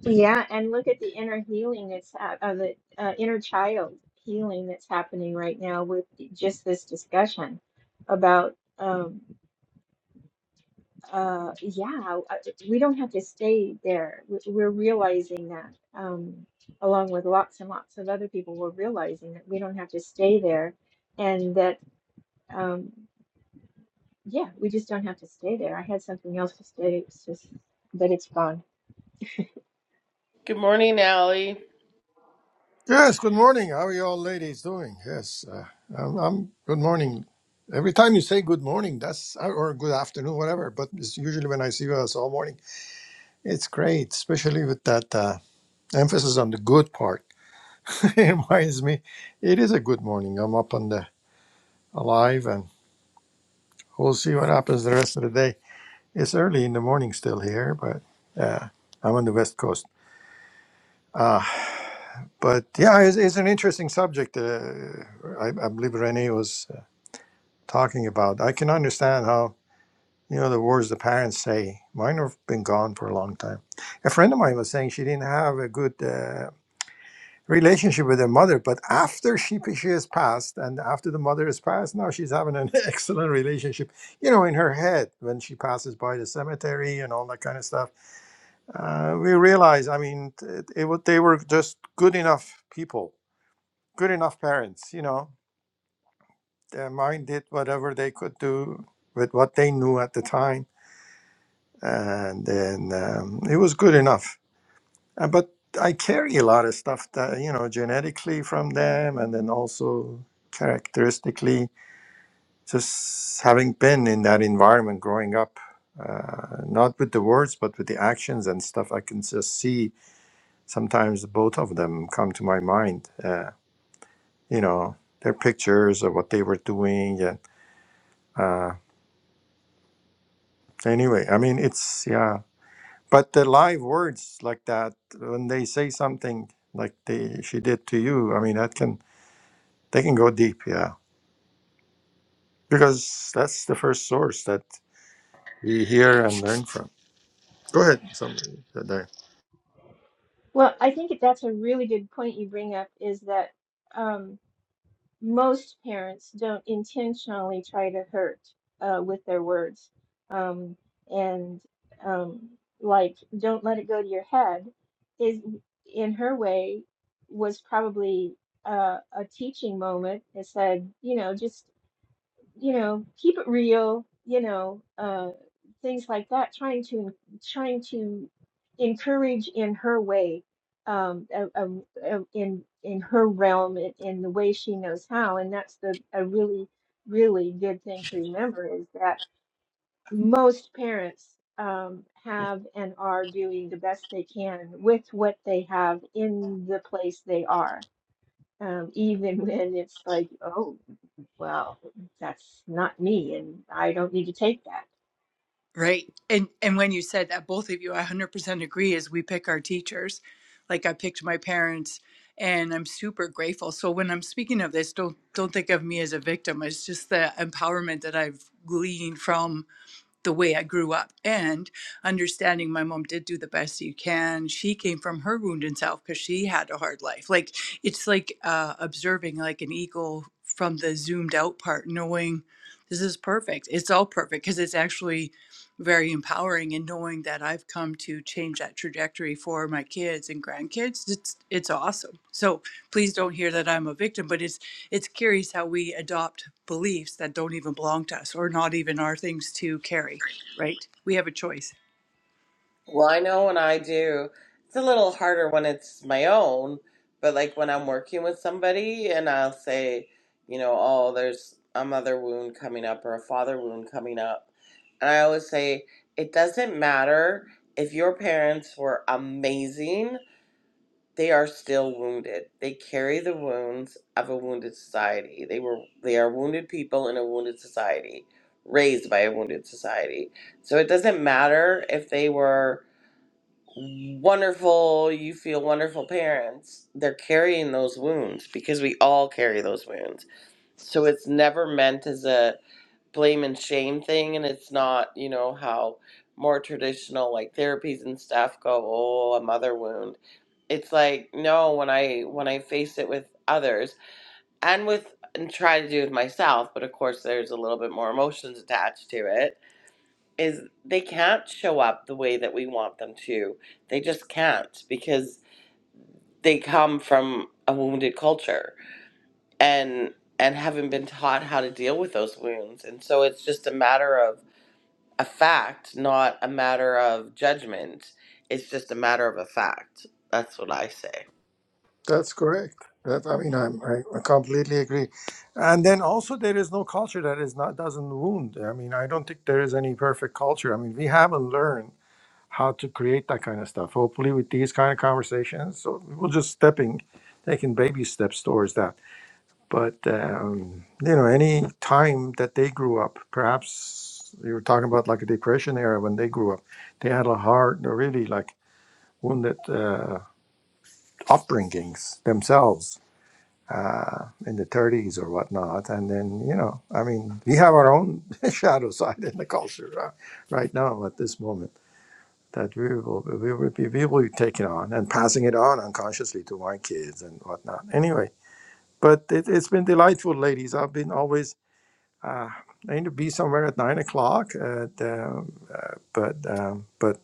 Yeah, and look at the inner healing that's hap- uh, the uh, inner child healing that's happening right now with just this discussion about. um, uh, yeah, uh, we don't have to stay there. We- We're realizing that, um, along with lots and lots of other people, we're realizing that we don't have to stay there, and that, um, yeah, we just don't have to stay there. I had something else to say, it's just but it's gone. Good morning, Allie. Yes, good morning. How are you all ladies doing? Yes, uh, I'm, I'm good morning. Every time you say good morning, that's or good afternoon, whatever, but it's usually when I see you it's all morning. It's great, especially with that uh, emphasis on the good part. it reminds me, it is a good morning. I'm up and uh, alive, and we'll see what happens the rest of the day. It's early in the morning still here, but uh, I'm on the West Coast. Uh, but yeah, it's, it's an interesting subject. Uh, I, I believe Renee was. talking about. I can understand how, you know, the words the parents say. Mine have been gone for a long time. A friend of mine was saying she didn't have a good uh, relationship with her mother, but after she, she has passed and after the mother has passed, now she's having an excellent relationship, you know, in her head when she passes by the cemetery and all that kind of stuff. Uh, we realize, I mean, it, it, wa- they were just good enough people, good enough parents, you know. Their mind did whatever they could do with what they knew at the time and then um, it was good enough. Uh, but I carry a lot of stuff that you know genetically from them, and then also characteristically, just having been in that environment growing up, uh, not with the words but with the actions and stuff. I can just see sometimes both of them come to my mind. Uh, you know their pictures of what they were doing, and uh, anyway, I mean it's yeah. But the live words like that, when they say something like they she did to you, I mean that can they can go deep, yeah. Because that's the first source that we hear and learn from. Go ahead, somebody said that. Well, I think that's a really good point you bring up is that. um, most parents don't intentionally try to hurt uh, with their words um, and um, like don't let it go to your head is in her way was probably uh, a teaching moment that said you know just you know, keep it real, you know, uh, things like that, trying to trying to encourage in her way, um, a, a, a- in in her realm, in, in the way she knows how, and that's the a really really good thing to remember is that most parents um, have and are doing the best they can with what they have in the place they are, um, even when it's like, oh. Well, that's not me, and I don't need to take that. Right. And and when you said that both of you I 100% agree is we pick our teachers. Like I picked my parents and I'm super grateful. So when I'm speaking of this don't don't think of me as a victim. It's just the empowerment that I've gleaned from the way I grew up and understanding my mom did do the best you can. She came from her wounded self because she had a hard life. Like it's like uh, observing like an eagle from the zoomed out part, knowing this is perfect. It's all perfect because it's actually very empowering and knowing that I've come to change that trajectory for my kids and grandkids. It's it's awesome. So please don't hear that I'm a victim, but it's it's curious how we adopt beliefs that don't even belong to us or not even are things to carry, right? We have a choice. Well, I know when I do, it's a little harder when it's my own, but like when I'm working with somebody and I'll say, you know, oh, there's a mother wound coming up or a father wound coming up. And I always say, it doesn't matter if your parents were amazing, they are still wounded. They carry the wounds of a wounded society. They were they are wounded people in a wounded society, raised by a wounded society. So it doesn't matter if they were wonderful you feel wonderful parents they're carrying those wounds because we all carry those wounds so it's never meant as a blame and shame thing and it's not you know how more traditional like therapies and stuff go oh a mother wound it's like no when i when i face it with others and with and try to do with myself but of course there's a little bit more emotions attached to it is they can't show up the way that we want them to. They just can't because they come from a wounded culture and and haven't been taught how to deal with those wounds. And so it's just a matter of a fact, not a matter of judgment. It's just a matter of a fact. That's what I say. That's correct. That I mean I'm, I I completely agree. And then also there is no culture that is not doesn't wound. I mean I don't think there is any perfect culture. I mean we haven't learned how to create that kind of stuff. Hopefully with these kind of conversations, so we're just stepping, taking baby steps towards that But um, you know, any time that they grew up, perhaps you were talking about like a depression era when they grew up, they had a hard, really like wounded uh, upbringings themselves uh, in the 30s or whatnot. And then you know, I mean, we have our own shadow side in the culture right, right now at this moment that we will we will be we will be taking on and passing it on unconsciously to my kids and whatnot. Anyway, but it, it's been delightful, ladies. I've been always uh, I need to be somewhere at nine o'clock. At, um, uh, but um, but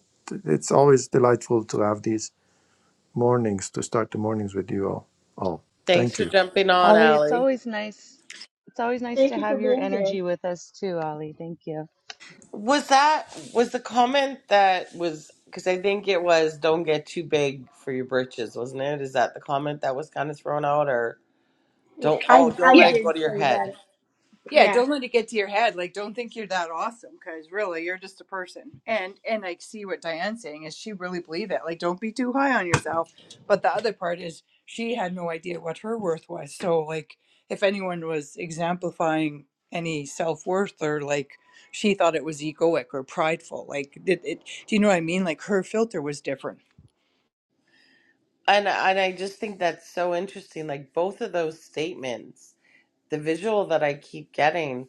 it's always delightful to have these mornings to start the mornings with you all. All Thanks thank for you. jumping on, Ollie, it's Allie. always nice. It's always nice Thank to you for have your being here. energy with us too, Ollie. Thank you. Was that was the comment that was because I think it was don't get too big for your britches, wasn't it? Is that the comment that was kind of thrown out, or Well, don't I oh I don't let Yeah. it did go to your say head? that. Yeah, Yeah. don't let it get to your head. Like, don't think you're that awesome because really, you're just a person. And and like, see what Diane's saying is she really believed that? Like, don't be too high on yourself. But the other part is she had no idea what her worth was. So like, if anyone was exemplifying any self worth or like she thought it was egoic or prideful, like it, it. Do you know what I mean? Like her filter was different. And and I just think that's so interesting. Like both of those statements, the visual that I keep getting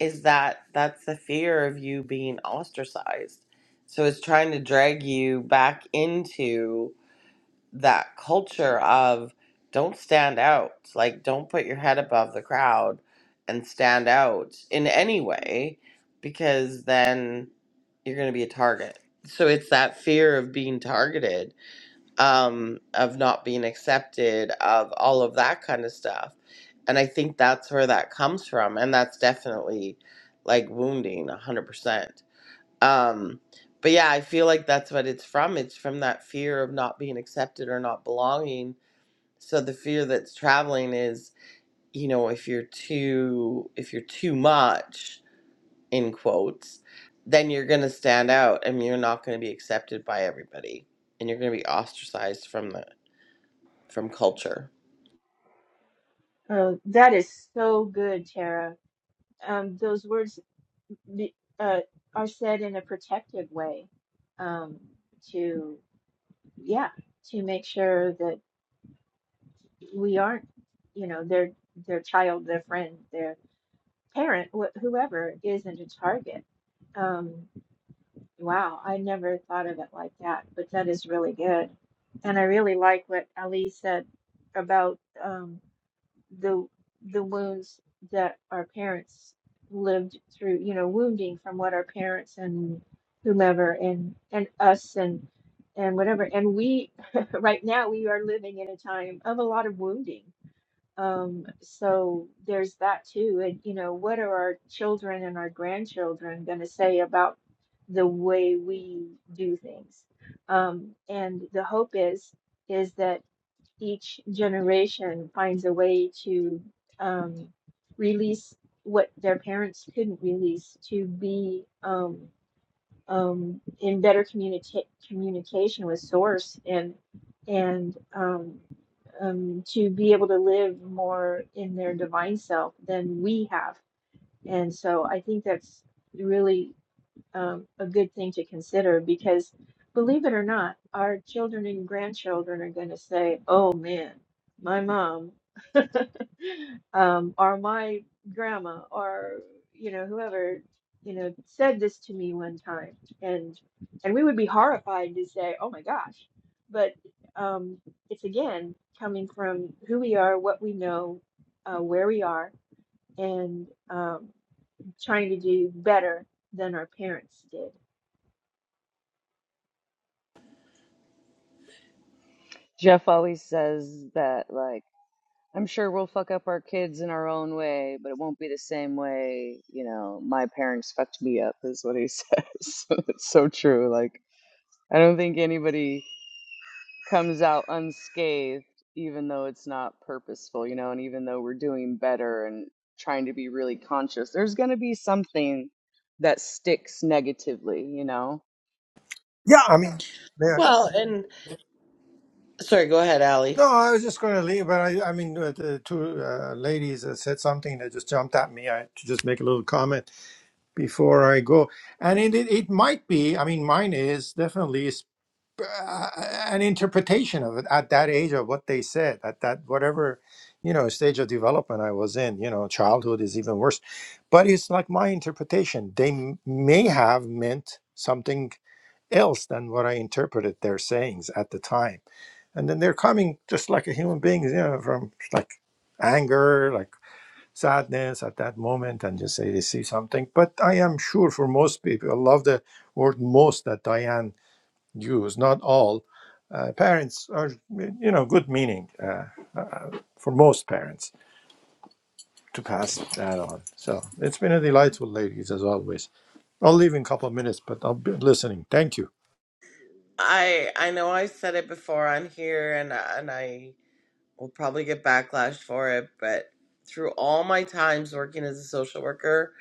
is that that's the fear of you being ostracized. So it's trying to drag you back into. that culture of don't stand out like don't put your head above the crowd and stand out in any way because then you're going to be a target so it's that fear of being targeted um, of not being accepted of all of that kind of stuff and i think that's where that comes from and that's definitely like wounding 100% um, but yeah, I feel like that's what it's from. It's from that fear of not being accepted or not belonging. So the fear that's traveling is, you know, if you're too if you're too much in quotes, then you're going to stand out and you're not going to be accepted by everybody and you're going to be ostracized from the from culture. Uh, that is so good, Tara. Um, those words be- uh, are said in a protective way, um, to yeah, to make sure that we aren't, you know, their their child, their friend, their. parent, wh- whoever is not a target. Um, wow, I never thought of it like that, but that is really good. And I really like what Ali said about um, the the wounds that our parents lived through, you know, wounding from what our parents and whomever and and us and and whatever. And we right now we are living in a time of a lot of wounding um, so there's that too. And, you know, what are our children and our grandchildren going to say about the way we do things? Um, and the hope is is that each generation finds a way to um, release what their parents couldn't release, to be um, um, in better communica- communication with source and and um, um, to be able to live more in their divine self than we have. And so I think that's really um, a good thing to consider because, believe it or not, our children and grandchildren are going to say, "Oh man, my mom, um, or my grandma, or you know whoever, you know, said this to me one time," and and we would be horrified to say, "Oh my gosh," but um, it's again coming from who we are, what we know, uh, where we are, and um, trying to do better than our parents did Jeff always says that, like. I'm sure we'll fuck up our kids in our own way, but it won't be the same way, you know, my parents fucked me up, is what he says. it's so true. Like, I don't think anybody comes out unscathed, even though it's not purposeful, you know, and even though we're doing better and trying to be really conscious, there's going to be something that sticks negatively, you know? Yeah, I mean, yeah. Well, and sorry, go ahead, Allie. No, I was just going to leave, but I, I mean, uh, the two uh, ladies that said something that just jumped at me. I had to just make a little comment before I go, and it it, it might be. I mean, mine is definitely. uh, an interpretation of it at that age of what they said at that whatever you know stage of development i was in you know childhood is even worse but it's like my interpretation they m- may have meant something else than what i interpreted their sayings at the time and then they're coming just like a human being you know from like anger like sadness at that moment and just say they see something but i am sure for most people i love the word most that diane use, not all. Uh, parents are, you know, good meaning uh, uh, for most parents to pass that on. So it's been a delightful, ladies, as always. I'll leave in a couple of minutes, but I'll be listening. Thank you. I I know I said it before on here and and I will probably get backlash for it, but through all my times working as a social worker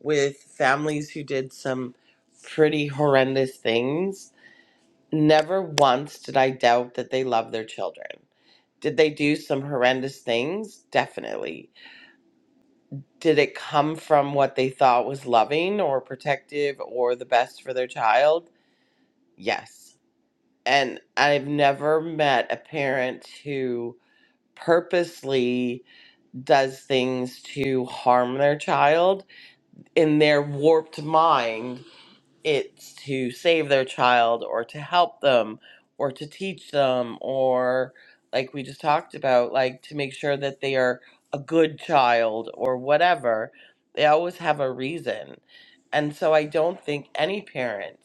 with families who did some pretty horrendous things, never once did I doubt that they love their children. Did they do some horrendous things? Definitely. Did it come from what they thought was loving or protective or the best for their child? Yes. And I've never met a parent who purposely does things to harm their child in their warped mind it's to save their child or to help them or to teach them or like we just talked about like to make sure that they are a good child or whatever they always have a reason and so i don't think any parent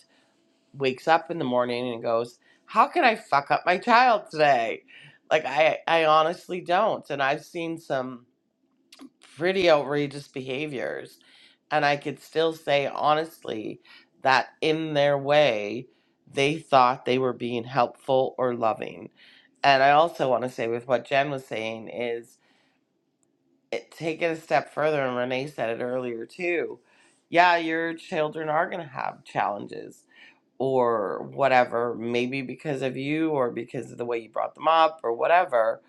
wakes up in the morning and goes, "How can I fuck up my child today?" Like I I honestly don't. And I've seen some pretty outrageous behaviors and I could still say honestly that in their way they thought they were being helpful or loving. And I also want to say with what Jen was saying is it, take it a step further and Renee said it earlier too. Yeah, your children are going to have challenges or whatever, maybe because of you or because of the way you brought them up or whatever,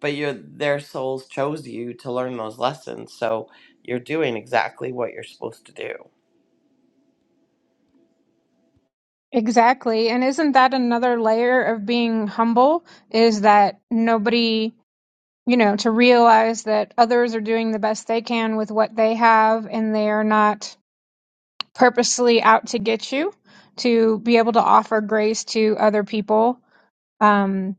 but your their souls chose you to learn those lessons. So you're doing exactly what you're supposed to do. Exactly. And isn't that another layer of being humble? Is that nobody, you know, to realize that others are doing the best they can with what they have and they are not purposely out to get you to be able to offer grace to other people um,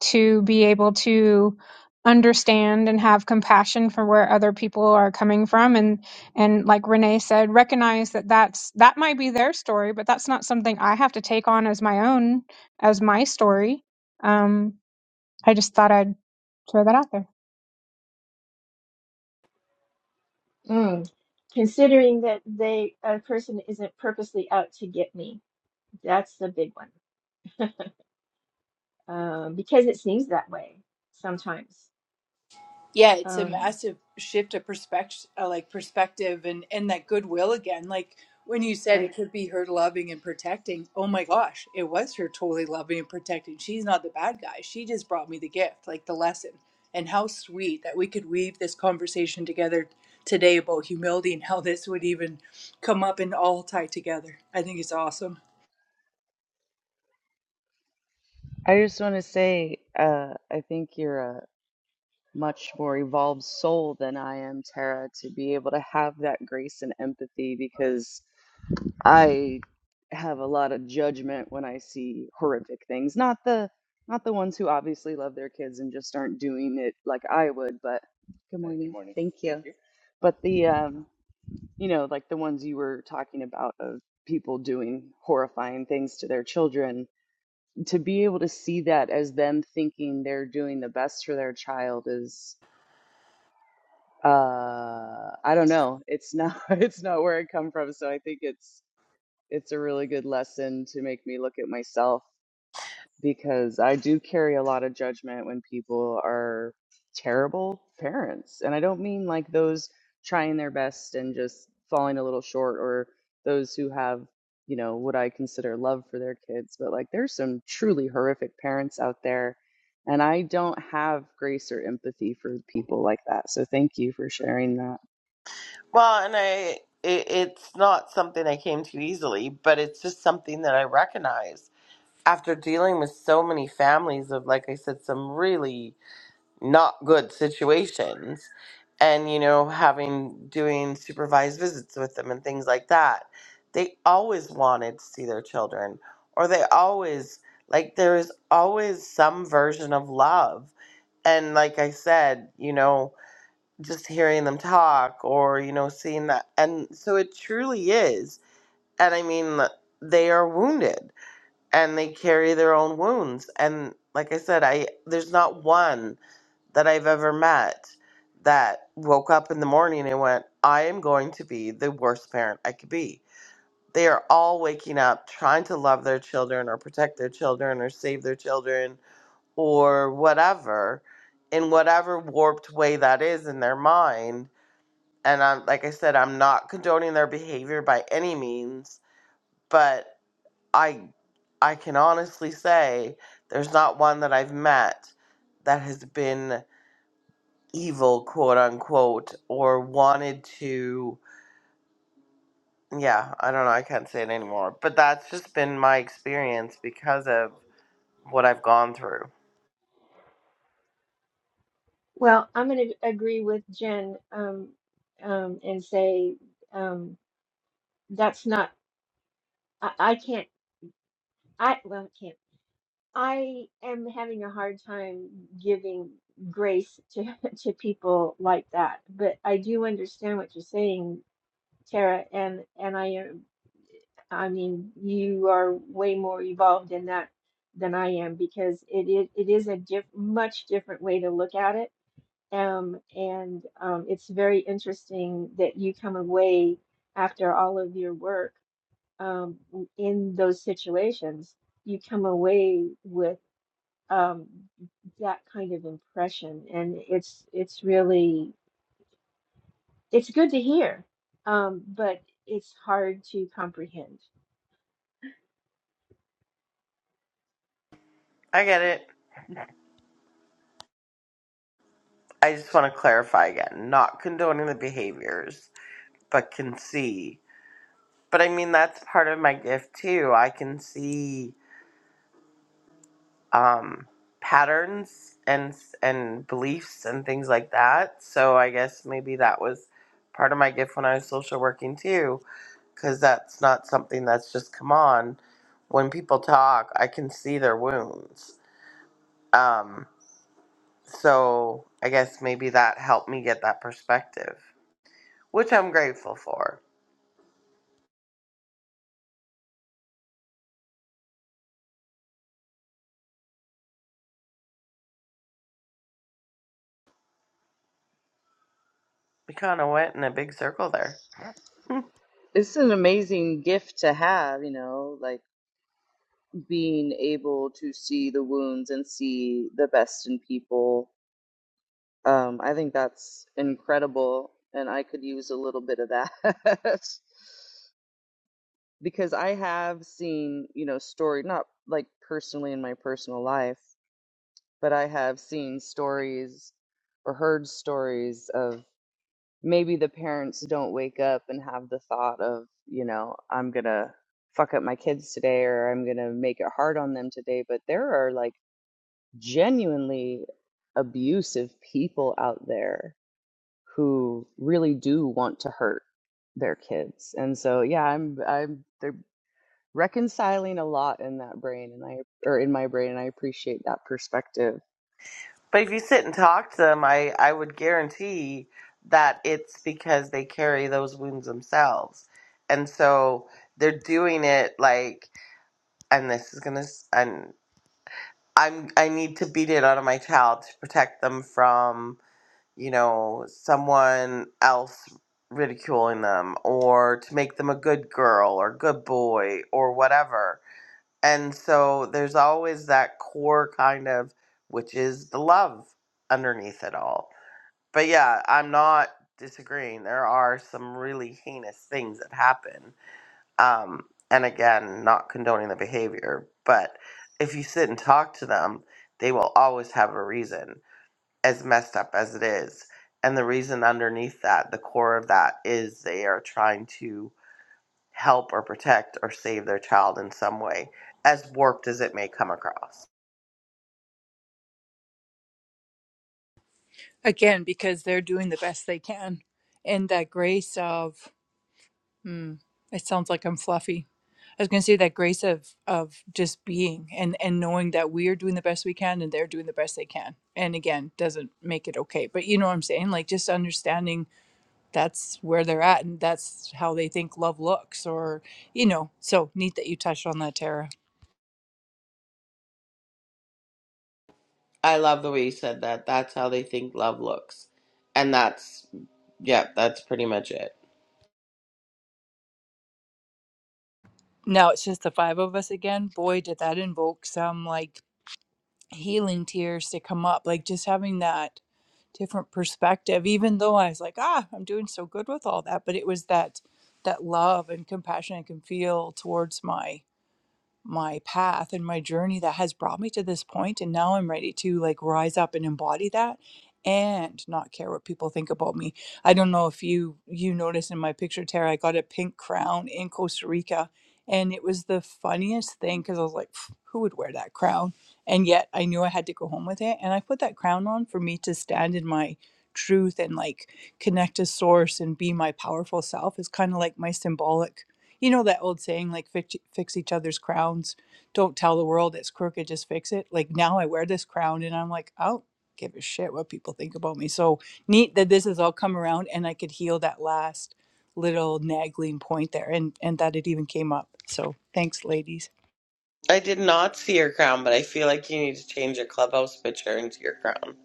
to be able to understand and have compassion for where other people are coming from and and like renee said recognize that that's that might be their story but that's not something i have to take on as my own as my story um, i just thought i'd throw that out there Mm. Considering that they a person isn't purposely out to get me, that's the big one. Um, because it seems that way sometimes. Yeah, it's a Um, massive shift of perspective, uh, like perspective, and and that goodwill again. Like when you said Right. it could be her loving and protecting. Oh my gosh, it was her totally loving and protecting. She's not the bad guy. She just brought me the gift, like the lesson. And how sweet that we could weave this conversation together today about humility and how this would even come up and all tie together. I think it's awesome. I just want to say, uh, I think you're a. much more evolved soul than I am, Tara, to be able to have that grace and empathy because I have a lot of judgment when I see horrific things. Not the not the ones who obviously love their kids and just aren't doing it like I would, but good Uh, Good morning. morning. Thank Thank you. you. But the um, you know, like the ones you were talking about of people doing horrifying things to their children, to be able to see that as them thinking they're doing the best for their child uh i don't know it's not it's not where i come from so i think it's it's a really good lesson to make me look at myself because i do carry a lot of judgment when people are terrible parents and i don't mean like those trying their best and just falling a little short or those who have you know what i consider love for their kids but like there's some truly horrific parents out there and i don't have grace or empathy for people like that so thank you for sharing that Well, and I it, it's not something I came to easily, but it's just something that I recognize after dealing with so many families of like I said some really not good situations and you know having doing supervised visits with them and things like that they always wanted to see their children or they always like there is always some version of love and like i said you know just hearing them talk or you know seeing that and so it truly is and i mean they are wounded and they carry their own wounds and like i said i there's not one that I've ever met that woke up in the morning and went, I am going to be the worst parent I could be. They are all waking up trying to love their children or protect their children or save their children or whatever in whatever warped way that is in their mind. And I'm like I said, I'm not condoning their behavior by any means, but I I can honestly say there's not one that I've met that has been evil, quote unquote, or wanted to. Yeah, I don't know. I can't say it anymore. But that's just been my experience because of what I've gone through. well, I'm going to agree with Jen um, um, and say um, that's not. I, I can't. I well, I can't. I am having a hard time giving grace to to people like that, but I do understand what you're saying, Tara, and and I am, I mean, you are way more evolved in that than I am because it is it is a diff much different way to look at it. Um, and um, it's very interesting that you come away after all of your work um, in those situations you come away with um, that kind of impression, and it's it's really it's good to hear, um, but it's hard to comprehend. I get it. I just want to clarify again not condoning the behaviors, but can see. But I mean, that's part of my gift too. I can see um, patterns and and beliefs and things like that. So I guess maybe that was part of my gift when I was social working too because that's not something that's just come on. When people talk, I can see their wounds. Um, so I guess maybe that helped me get that perspective, which I'm grateful for. We kind of went in a big circle there. It's an amazing gift to have, you know, like being able to see the wounds and see the best in people. Um, I think that's incredible, and I could use a little bit of that because I have seen, you know, story not like personally in my personal life, but I have seen stories or heard stories of maybe the parents don't wake up and have the thought of, you know, I'm going to fuck up my kids today or I'm going to make it hard on them today. But there are like genuinely abusive people out there who really do want to hurt their kids. And so, yeah, I'm, I'm, they're reconciling a lot in that brain and I, or in my brain, and I appreciate that perspective. But if you sit and talk to them, I, I would guarantee that it's because they carry those wounds themselves. And so they're doing it like, and this is going to, and I'm, I need to beat it out of my child to protect them from you know, someone else ridiculing them or to make them a good girl or good boy or whatever. And so there's always that core kind of, which is the love underneath it all. But yeah, I'm not disagreeing. There are some really heinous things that happen. Um, and again, not condoning the behavior, but if you sit and talk to them, they will always have a reason as messed up as it is. And the reason underneath that, the core of that, is they are trying to help or protect or save their child in some way, as warped as it may come across. Again, because they're doing the best they can, and that grace of. It sounds like I'm fluffy. I was going to say that grace of of just being and and knowing that we are doing the best we can and they're doing the best they can. And again, doesn't make it okay, but you know what I'm saying? Like just understanding that's where they're at and that's how they think love looks or you know. So neat that you touched on that, Tara. I love the way you said that. That's how they think love looks. And that's, yeah, that's pretty much it. Now it's just the five of us again. Boy, did that invoke some like healing tears to come up. Like just having that different perspective even though i was like ah i'm doing so good with all that but it was that that love and compassion i can feel towards my my path and my journey that has brought me to this point and now i'm ready to like rise up and embody that and not care what people think about me i don't know if you you notice in my picture tara i got a pink crown in costa rica and it was the funniest thing because i was like "Pff, who would wear that crown and yet i knew i had to go home with it and i put that crown on for me to stand in my truth and like connect to source and be my powerful self is kind of like my symbolic you know that old saying, like fix, e, fix each other's crowns. Don't tell the world it's crooked, just fix it. Like now I wear this crown and I'm like, I don't give a shit what people think about me. So neat that this has all come around and I could heal that last little nagging point there and, and that it even came up. So thanks, ladies. I did not see your crown, but I feel like you need to change your clubhouse picture into your crown.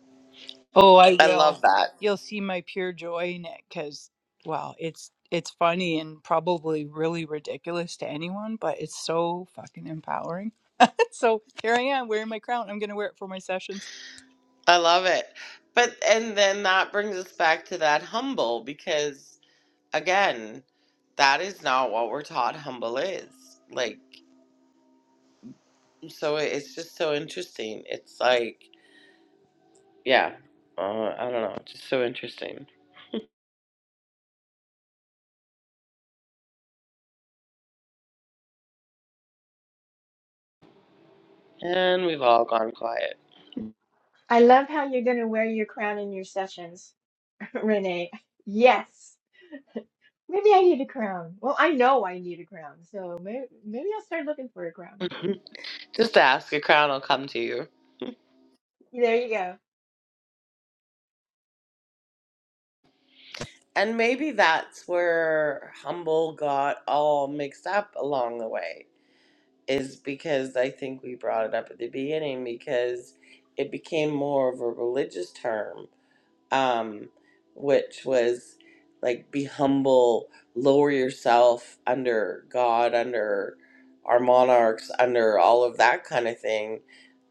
Oh, I I love will. that. You'll see my pure joy in it because, wow, it's it's funny and probably really ridiculous to anyone, but it's so fucking empowering So here I am wearing my crown. I'm going to wear it for my sessions. I love it. But, and then that brings us back to that humble because again, that is not what we're taught humble is. Like, so it- it's just so interesting. It's like, yeah, uh, I don't know, just so interesting. And we've all gone quiet. I love how you're going to wear your crown in your sessions, Renee. Yes. Maybe I need a crown. Well, I know I need a crown, so maybe maybe I'll start looking for a crown. just ask, a crown will come to you. There you go. And maybe that's where humble got all mixed up along the way, is because I think we brought it up at the beginning because it became more of a religious term um, which was like be humble, lower yourself under God, under our monarchs, under all of that kind of thing.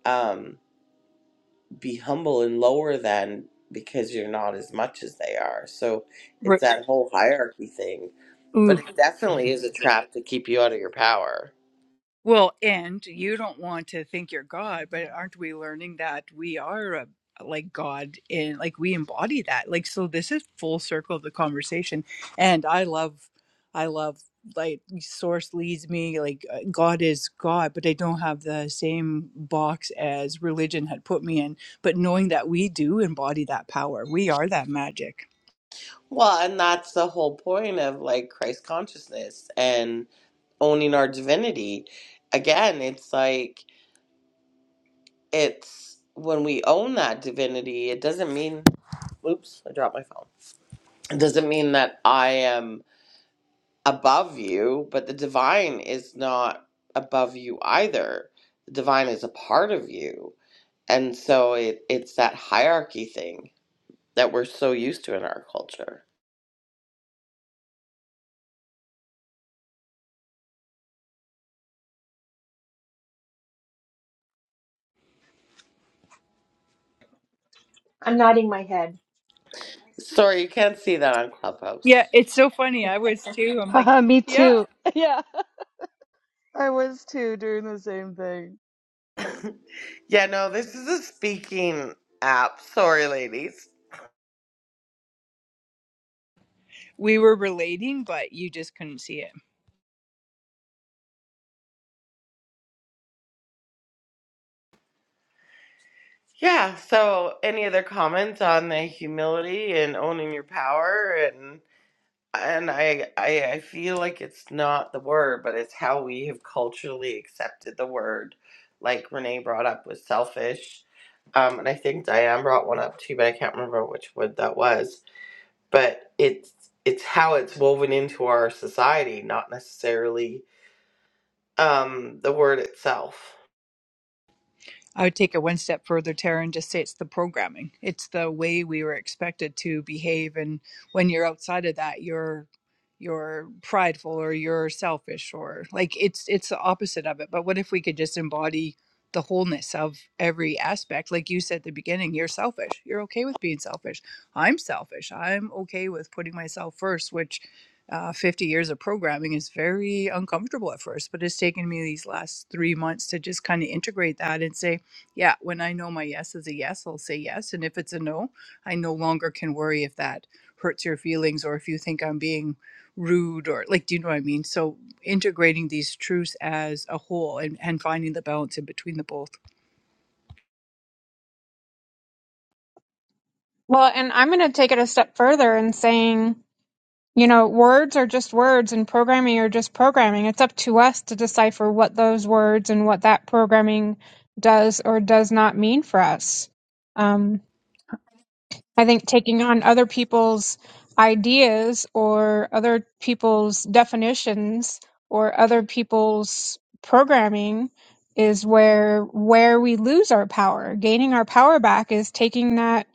Um, be humble and lower than because you're not as much as they are. So it's Right. that whole hierarchy thing. But Ooh. it definitely is a trap to keep you out of your power. Well, and you don't want to think you're God, but aren't we learning that we are a, like God and like we embody that? Like, so this is full circle of the conversation. And I love, I love like source leads me like uh, god is god but i don't have the same box as religion had put me in but knowing that we do embody that power we are that magic Well, and that's the whole point of like Christ consciousness and owning our divinity. Again, it's like it's when we own that divinity, it doesn't mean, oops, I dropped my phone. It doesn't mean that I am above you, but the divine is not above you either. The divine is a part of you. And so it, it's that hierarchy thing that we're so used to in our culture. I'm nodding my head. Sorry, you can't see that on Clubhouse. Yeah, it's so funny. I was too. I'm like, Haha, me yeah, too. Yeah, I was too doing the same thing. yeah, no, this is a speaking app. Sorry, ladies. we were relating, but you just couldn't see it. Yeah, so any other comments on the humility and owning your power and and I, I I feel like it's not the word, but it's how we have culturally accepted the word, like Renee brought up was selfish. Um, and I think Diane brought one up too, but I can't remember which word that was. But it's it's how it's woven into our society, not necessarily um, the word itself. I would take it one step further, Tara, and just say it's the programming. It's the way we were expected to behave, and when you're outside of that, you're you're prideful or you're selfish or like it's it's the opposite of it. But what if we could just embody the wholeness of every aspect? Like you said at the beginning, you're selfish. You're okay with being selfish. I'm selfish. I'm okay with putting myself first, which uh, 50 years of programming is very uncomfortable at first, but it's taken me these last three months to just kind of integrate that and say, yeah, when I know my yes is a yes, I'll say yes. And if it's a no, I no longer can worry if that hurts your feelings or if you think I'm being rude or like, do you know what I mean? So integrating these truths as a whole and, and finding the balance in between the both. well and i'm going to take it a step further in saying You know, words are just words and programming are just programming. It's up to us to decipher what those words and what that programming does or does not mean for us. Um, I think taking on other people's ideas or other people's definitions or other people's programming is where where we lose our power. Gaining our power back is taking that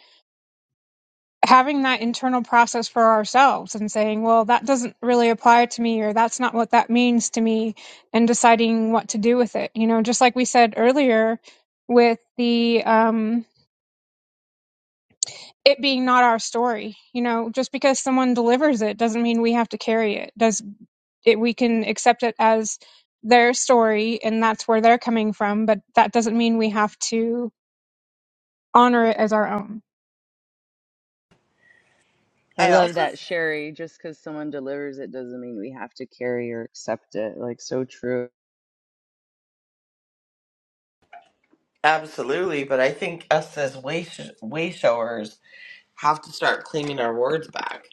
having that internal process for ourselves and saying, well, that doesn't really apply to me, or that's not what that means to me, and deciding what to do with it. You know, just like we said earlier with the, um, it being not our story, you know, just because someone delivers it doesn't mean we have to carry it. Does it, we can accept it as their story and that's where they're coming from, but that doesn't mean we have to honor it as our own. I I love also that, Sherry. Just because someone delivers it doesn't mean we have to carry or accept it. Like, so true. Absolutely, but I think us as way way showers have to start claiming our words back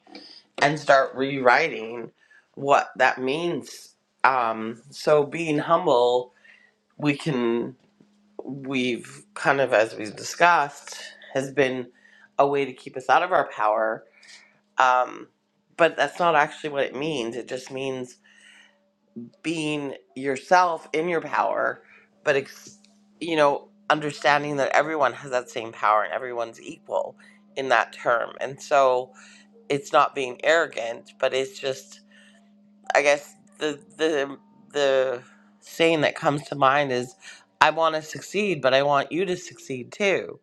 and start rewriting what that means. Um, so being humble, we can we've kind of as we've discussed has been a way to keep us out of our power. Um, but that's not actually what it means. It just means being yourself in your power, but ex- you know understanding that everyone has that same power and everyone's equal in that term. And so it's not being arrogant, but it's just I guess the the the saying that comes to mind is I want to succeed, but I want you to succeed too.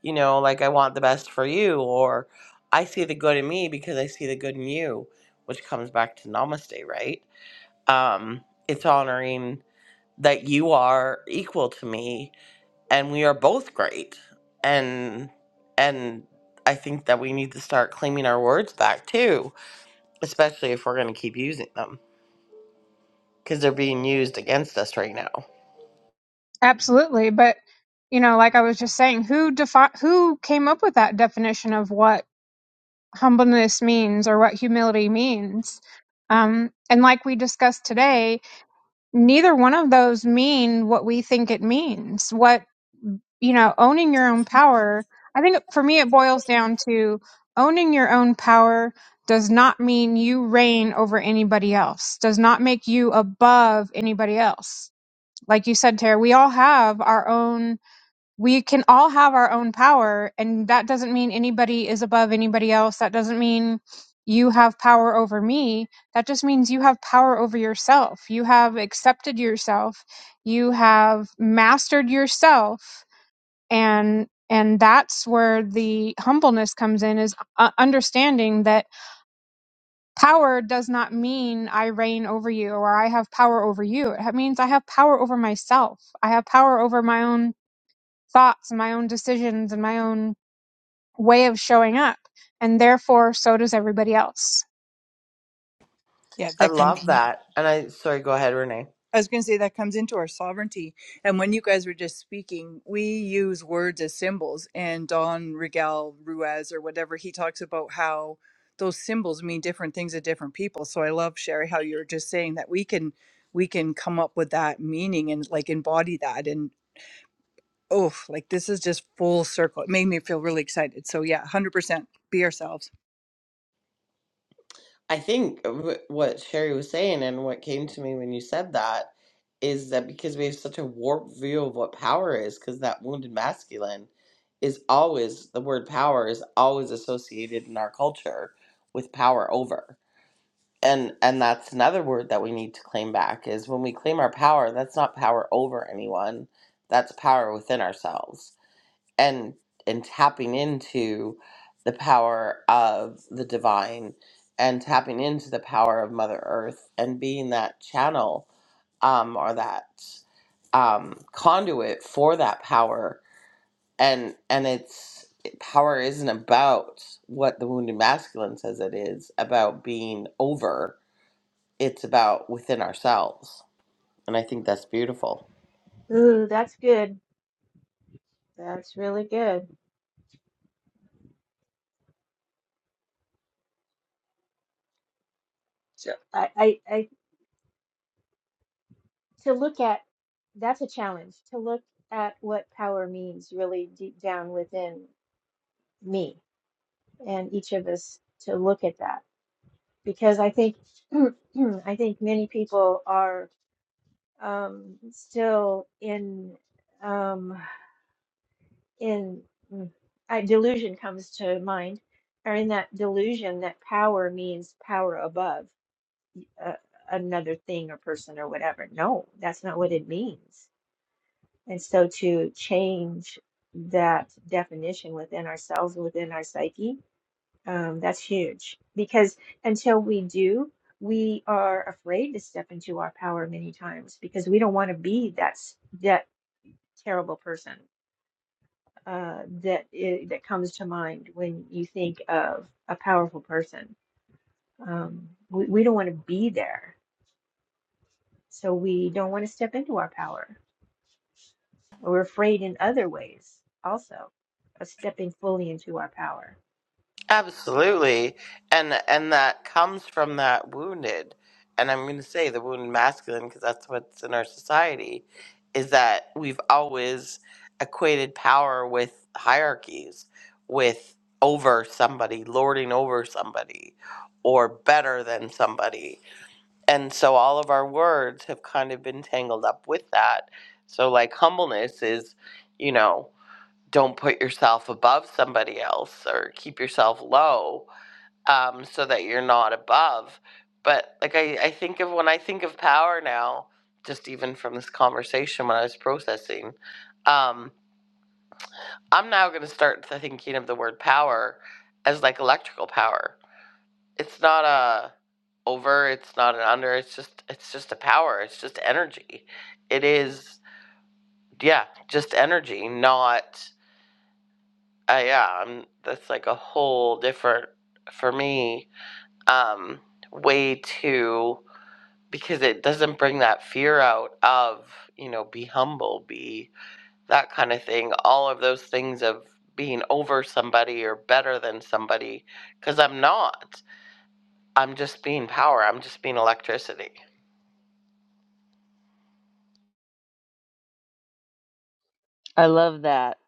You know, like I want the best for you or I see the good in me because I see the good in you, which comes back to namaste, right? Um it's honoring that you are equal to me and we are both great. And and I think that we need to start claiming our words back too especially if we're going to keep using them because they're being used against us right now. Absolutely, but you know, like I was just saying, who defi- who came up with that definition of what humbleness means or what humility means? Um, and like we discussed today, neither one of those mean what we think it means. What you know, owning your own power. I think for me, it boils down to owning your own power does not mean you reign over anybody else. Does not make you above anybody else. Like you said, Tara, we all have our own we can all have our own power and that doesn't mean anybody is above anybody else that doesn't mean you have power over me that just means you have power over yourself you have accepted yourself you have mastered yourself and and that's where the humbleness comes in is uh, understanding that power does not mean i reign over you or i have power over you it means i have power over myself i have power over my own thoughts and my own decisions and my own way of showing up. And therefore, so does everybody else. Yeah, I that comes. love that. And I, sorry, go ahead, Renee. I was going to say that comes into our sovereignty. And when you guys were just speaking, we use words as symbols. And Don Regal Ruiz or whatever, he talks about how those symbols mean different things to different people. So I love Sherry how you're just saying that we can we can come up with that meaning and like embody that. And oh, like this is just full circle. It made me feel really excited. So yeah, one hundred percent. Be ourselves. I think wh- what Sherry was saying and what came to me when you said that is that because we have such a warped view of what power is, because that wounded masculine is always, the word power is always associated in our culture with power over. And, and that's another word that we need to claim back is when we claim our power, that's not power over anyone. That's power within ourselves and and tapping into the power of the divine and tapping into the power of mother earth and being that channel um or that um conduit for that power and and it's power isn't about what the wounded masculine says it is about being over it's about within ourselves and i think that's beautiful Ooh, that's good. That's really good. So I, I, I to look at that's a challenge to look at what power means really deep down within me and each of us to look at that because I think I think many people are um, still in. Um, in mm, I, delusion comes to mind, or in that delusion that power means power above uh, another thing or person or whatever. No, that's not what it means. And so to change that definition within ourselves, within our psyche, um, that's huge because until we do, we are afraid to step into our power many times because we don't want to be that s- that terrible person uh, that i that comes to mind when you think of a powerful person. Um, we, we don't want to be there, so we don't want to step into our power. We're afraid in other ways also of stepping fully into our power. Absolutely. And and that comes from that wounded. And I'm going to say the wounded masculine because that's what's in our society is that we've always equated power with hierarchies, with over somebody, lording over somebody or better than somebody. And so all of our words have kind of been tangled up with that. So like humbleness is, you know, don't put yourself above somebody else or keep yourself low um, so that you're not above. But like I, I think of when I think of power now, just even from this conversation when I was processing, um, I'm now going to start thinking of the word power as like electrical power. It's not a over. It's not an under. It's just it's just a power. It's just energy. It is yeah, just energy. Not uh, yeah. I'm, that's like a whole different for me um, way to because it doesn't bring that fear out of you know be humble be that kind of thing all of those things of being over somebody or better than somebody because i'm not i'm just being power i'm just being electricity I love that.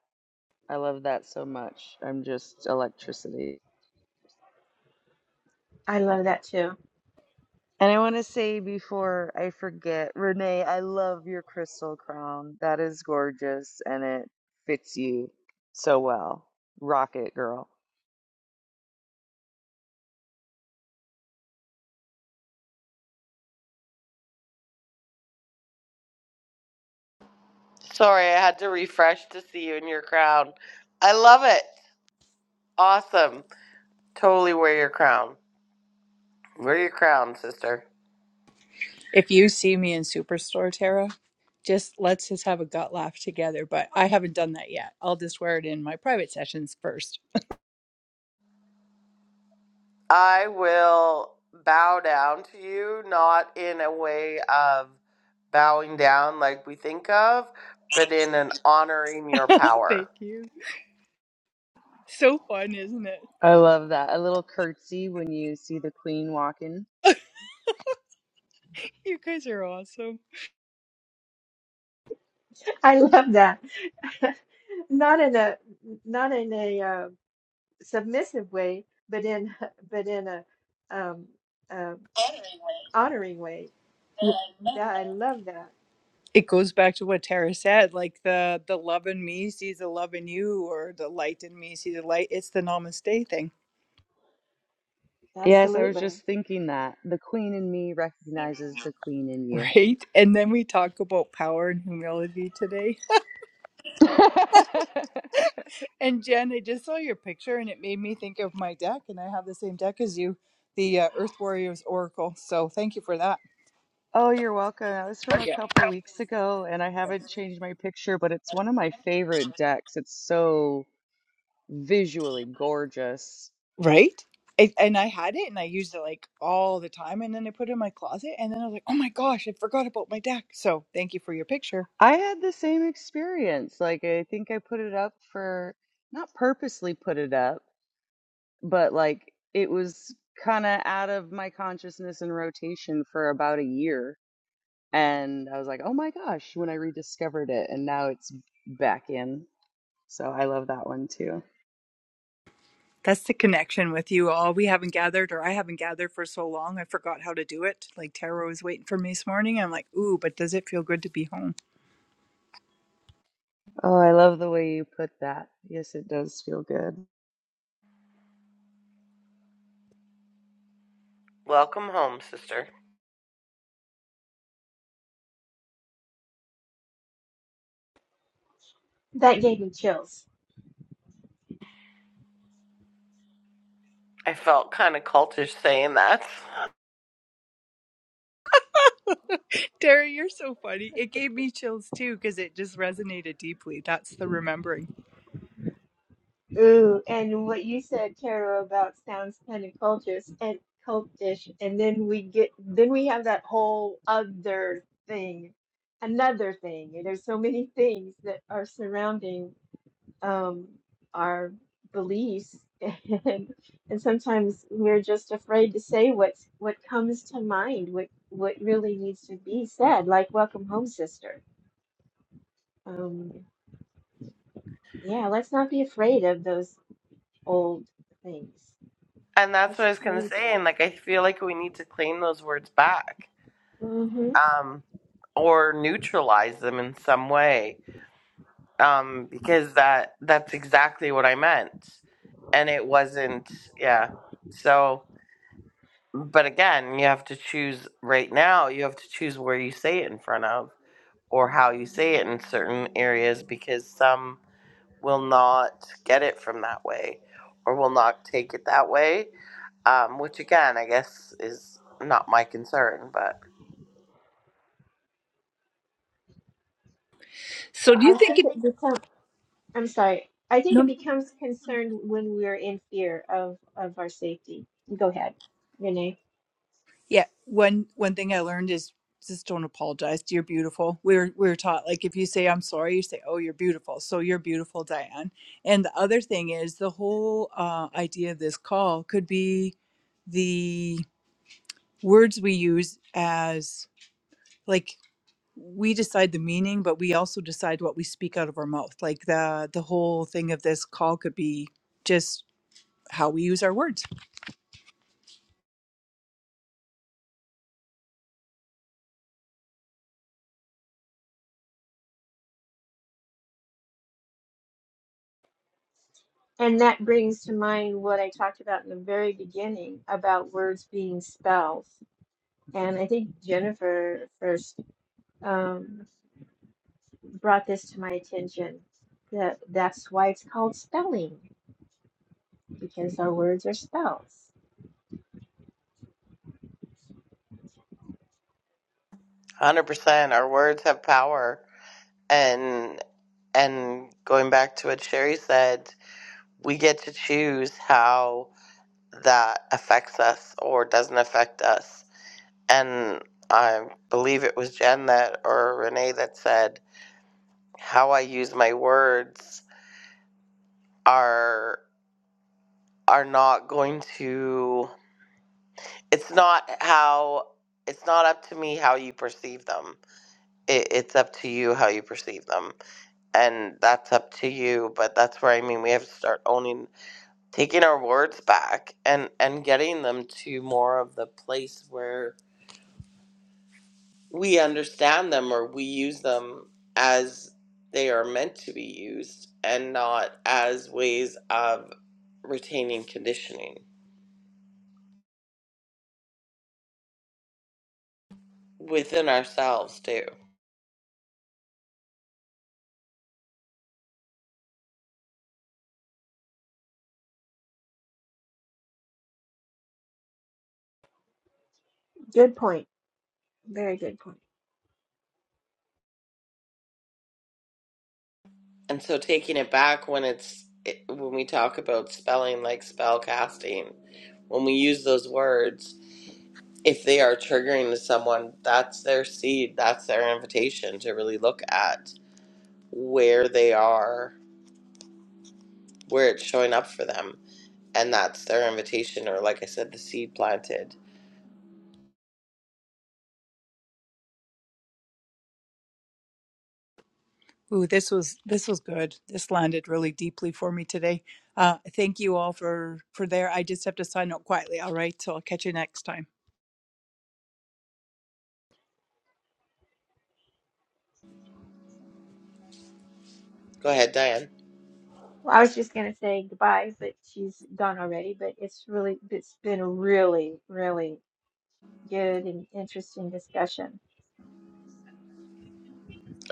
I love that so much. I'm just electricity. I love that too. And I want to say before I forget, Renee, I love your crystal crown. That is gorgeous and it fits you so well. Rock it, girl. sorry i had to refresh to see you in your crown i love it awesome totally wear your crown wear your crown sister If you see me in Superstore, Tara, just let's just have a gut laugh together. But I haven't done that yet. I'll just wear it in my private sessions first. I will bow down to you, not in a way of bowing down like we think of, but in an honoring your power. Thank you. So fun, isn't it? I love that. A little curtsy when you see the queen walking. You guys are awesome. I love that. Not in a not in a uh, submissive way, but in but in a um, uh, honoring way. That I love that. It goes back to what Tara said, like the the love in me sees the love in you, or the light in me sees the light. It's the namaste thing, Yes, I was Absolutely. just thinking that. The queen in me recognizes the queen in you. right? And then we talk about power and humility today And Jen, I just saw your picture and it made me think of my deck, and I have the same deck as you, the uh, Earth Warriors Oracle. So thank you for that. Oh, you're welcome. That was from a Yeah. couple weeks ago, and I haven't changed my picture, but it's one of my favorite decks. It's so visually gorgeous. Right? I, and I had it and I used it like all the time. And then I put it in my closet and then I was like, oh my gosh, I forgot about my deck. So thank you for your picture. I had the same experience. Like, I think I put it up for not purposely put it up, but like it was kind of out of my consciousness and rotation for about a year. And I was like, oh my gosh, when I rediscovered it, and now it's back in. So I love that one That's the connection with you all. We haven't gathered, or I haven't gathered for so long. I forgot how to do it. Like tarot was waiting for me this morning. I'm like, ooh, but does it feel good to be home? Oh, I love the way you put that. Yes, it does feel good. Welcome home, sister. That gave me chills. I felt kind of cultish saying that. Tara, you're so funny. It gave me chills too because it just resonated deeply. That's the remembering. Ooh, and what you said, Tara, about sounds kind of cultish and cultish, and then we get then we have that whole other thing, another thing. And there's so many things that are surrounding um our beliefs, and and sometimes we're just afraid to say what's what comes to mind, what what really needs to be said, like "Welcome home, sister." Um, yeah, let's not be afraid of those old things. And that's It's what I was going to played say. And like, I feel like we need to claim those words back Mm-hmm. um, or neutralize them in some way um, because that that's exactly what I meant. And it wasn't, yeah. So. But again, you have to choose right now, you have to choose where you say it in front of or how you say it in certain areas because some will not get it from that way or will not take it that way, um, which again, I guess is not my concern, but So, Well, do you I think think it? it becomes, I'm sorry, I think it No. becomes concerned when we're in fear of, of our safety. Go ahead, Renee. Yeah. One one thing I learned is just don't apologize. You're beautiful. We were we were taught like if you say I'm sorry, you say oh you're beautiful. So you're beautiful, Diane. And the other thing is the whole uh, idea of this call could be the words we use as like we decide the meaning, but we also decide what we speak out of our mouth. Like the the whole thing of this call could be just how we use our words. And that brings to mind what I talked about in the very beginning about words being spells. And I think Jennifer first um, brought this to my attention that that's why it's called spelling, because our words are spells. 100% our words have power and and going back to what Sherry said, we get to choose how that affects us or doesn't affect us And I believe it was Jen that or Renee that said how I use my words are are not going to it's not how it's not up to me how you perceive them. It, it's up to you how you perceive them. And that's up to you, but that's where I mean we have to start owning taking our words back and and getting them to more of the place where we understand them or we use them as they are meant to be used and not as ways of retaining conditioning within ourselves too. Good point. Very good point. And so taking it back when it's it- when we talk about spelling like spell casting, when we use those words, if they are triggering to someone, that's their seed, that's their invitation to really look at where they are, where it's showing up for them and that's their invitation or like i said the seed planted Ooh, this was this was good. This landed really deeply for me today. Uh, thank you all for for there. I just have to sign up quietly. All right, so I'll catch you next time. go ahead diane Well, I was just gonna say goodbye, but she's gone already. But it's really, it's been a really, really good and interesting discussion.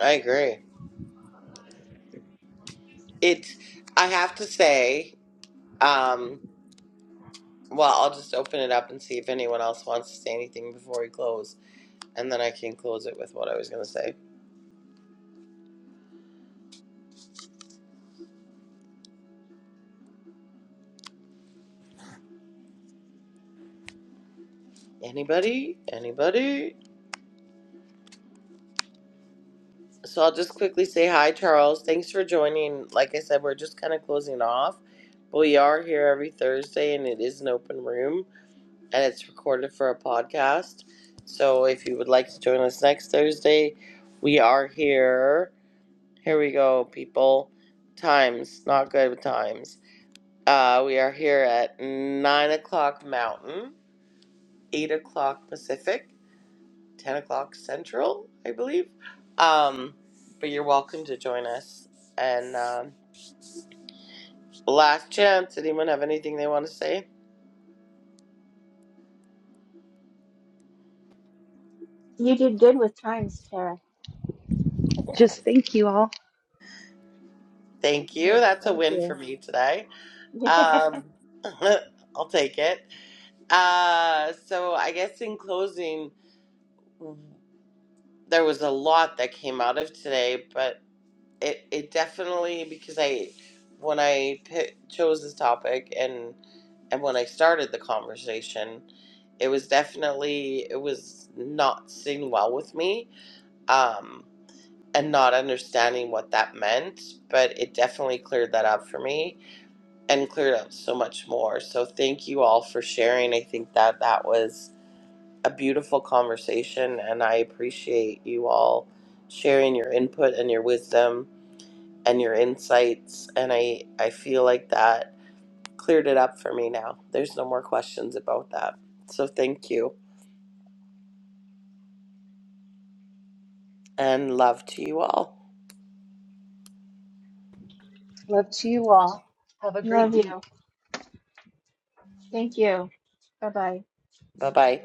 i agree it's i have to say um well i'll just open it up and see if anyone else wants to say anything before we close and then i can close it with what i was going to say anybody anybody so i'll just quickly say hi charles thanks for joining like i said we're just kind of closing off but we are here every thursday and it is an open room and it's recorded for a podcast. So if you would like to join us next Thursday, we are here. Here we go, people. Times, not good with times. Uh, we are here at 9 o'clock Mountain, 8 o'clock Pacific, 10 o'clock Central, I believe. Um, but you're welcome to join us. And um, last chance, anyone have anything they want to say? You did good with times, Tara. Just thank you all. Thank you. Yes, That's a thank win for you. me today. Um, I'll take it. Uh, so I guess in closing, there was a lot that came out of today, but it it definitely because I when I pi chose this topic and and when I started the conversation, it was definitely it was not sitting well with me, um, and not understanding what that meant. But it definitely cleared that up for me and cleared up so much more. So thank you all for sharing. I think that that was a beautiful conversation, and I appreciate you all sharing your input and your wisdom and your insights. And I, I feel like that cleared it up for me now. There's no more questions about that. So thank you and love to you all. Love to you all. Have a Yeah. great Love week. you. Thank you. Bye bye. Bye bye.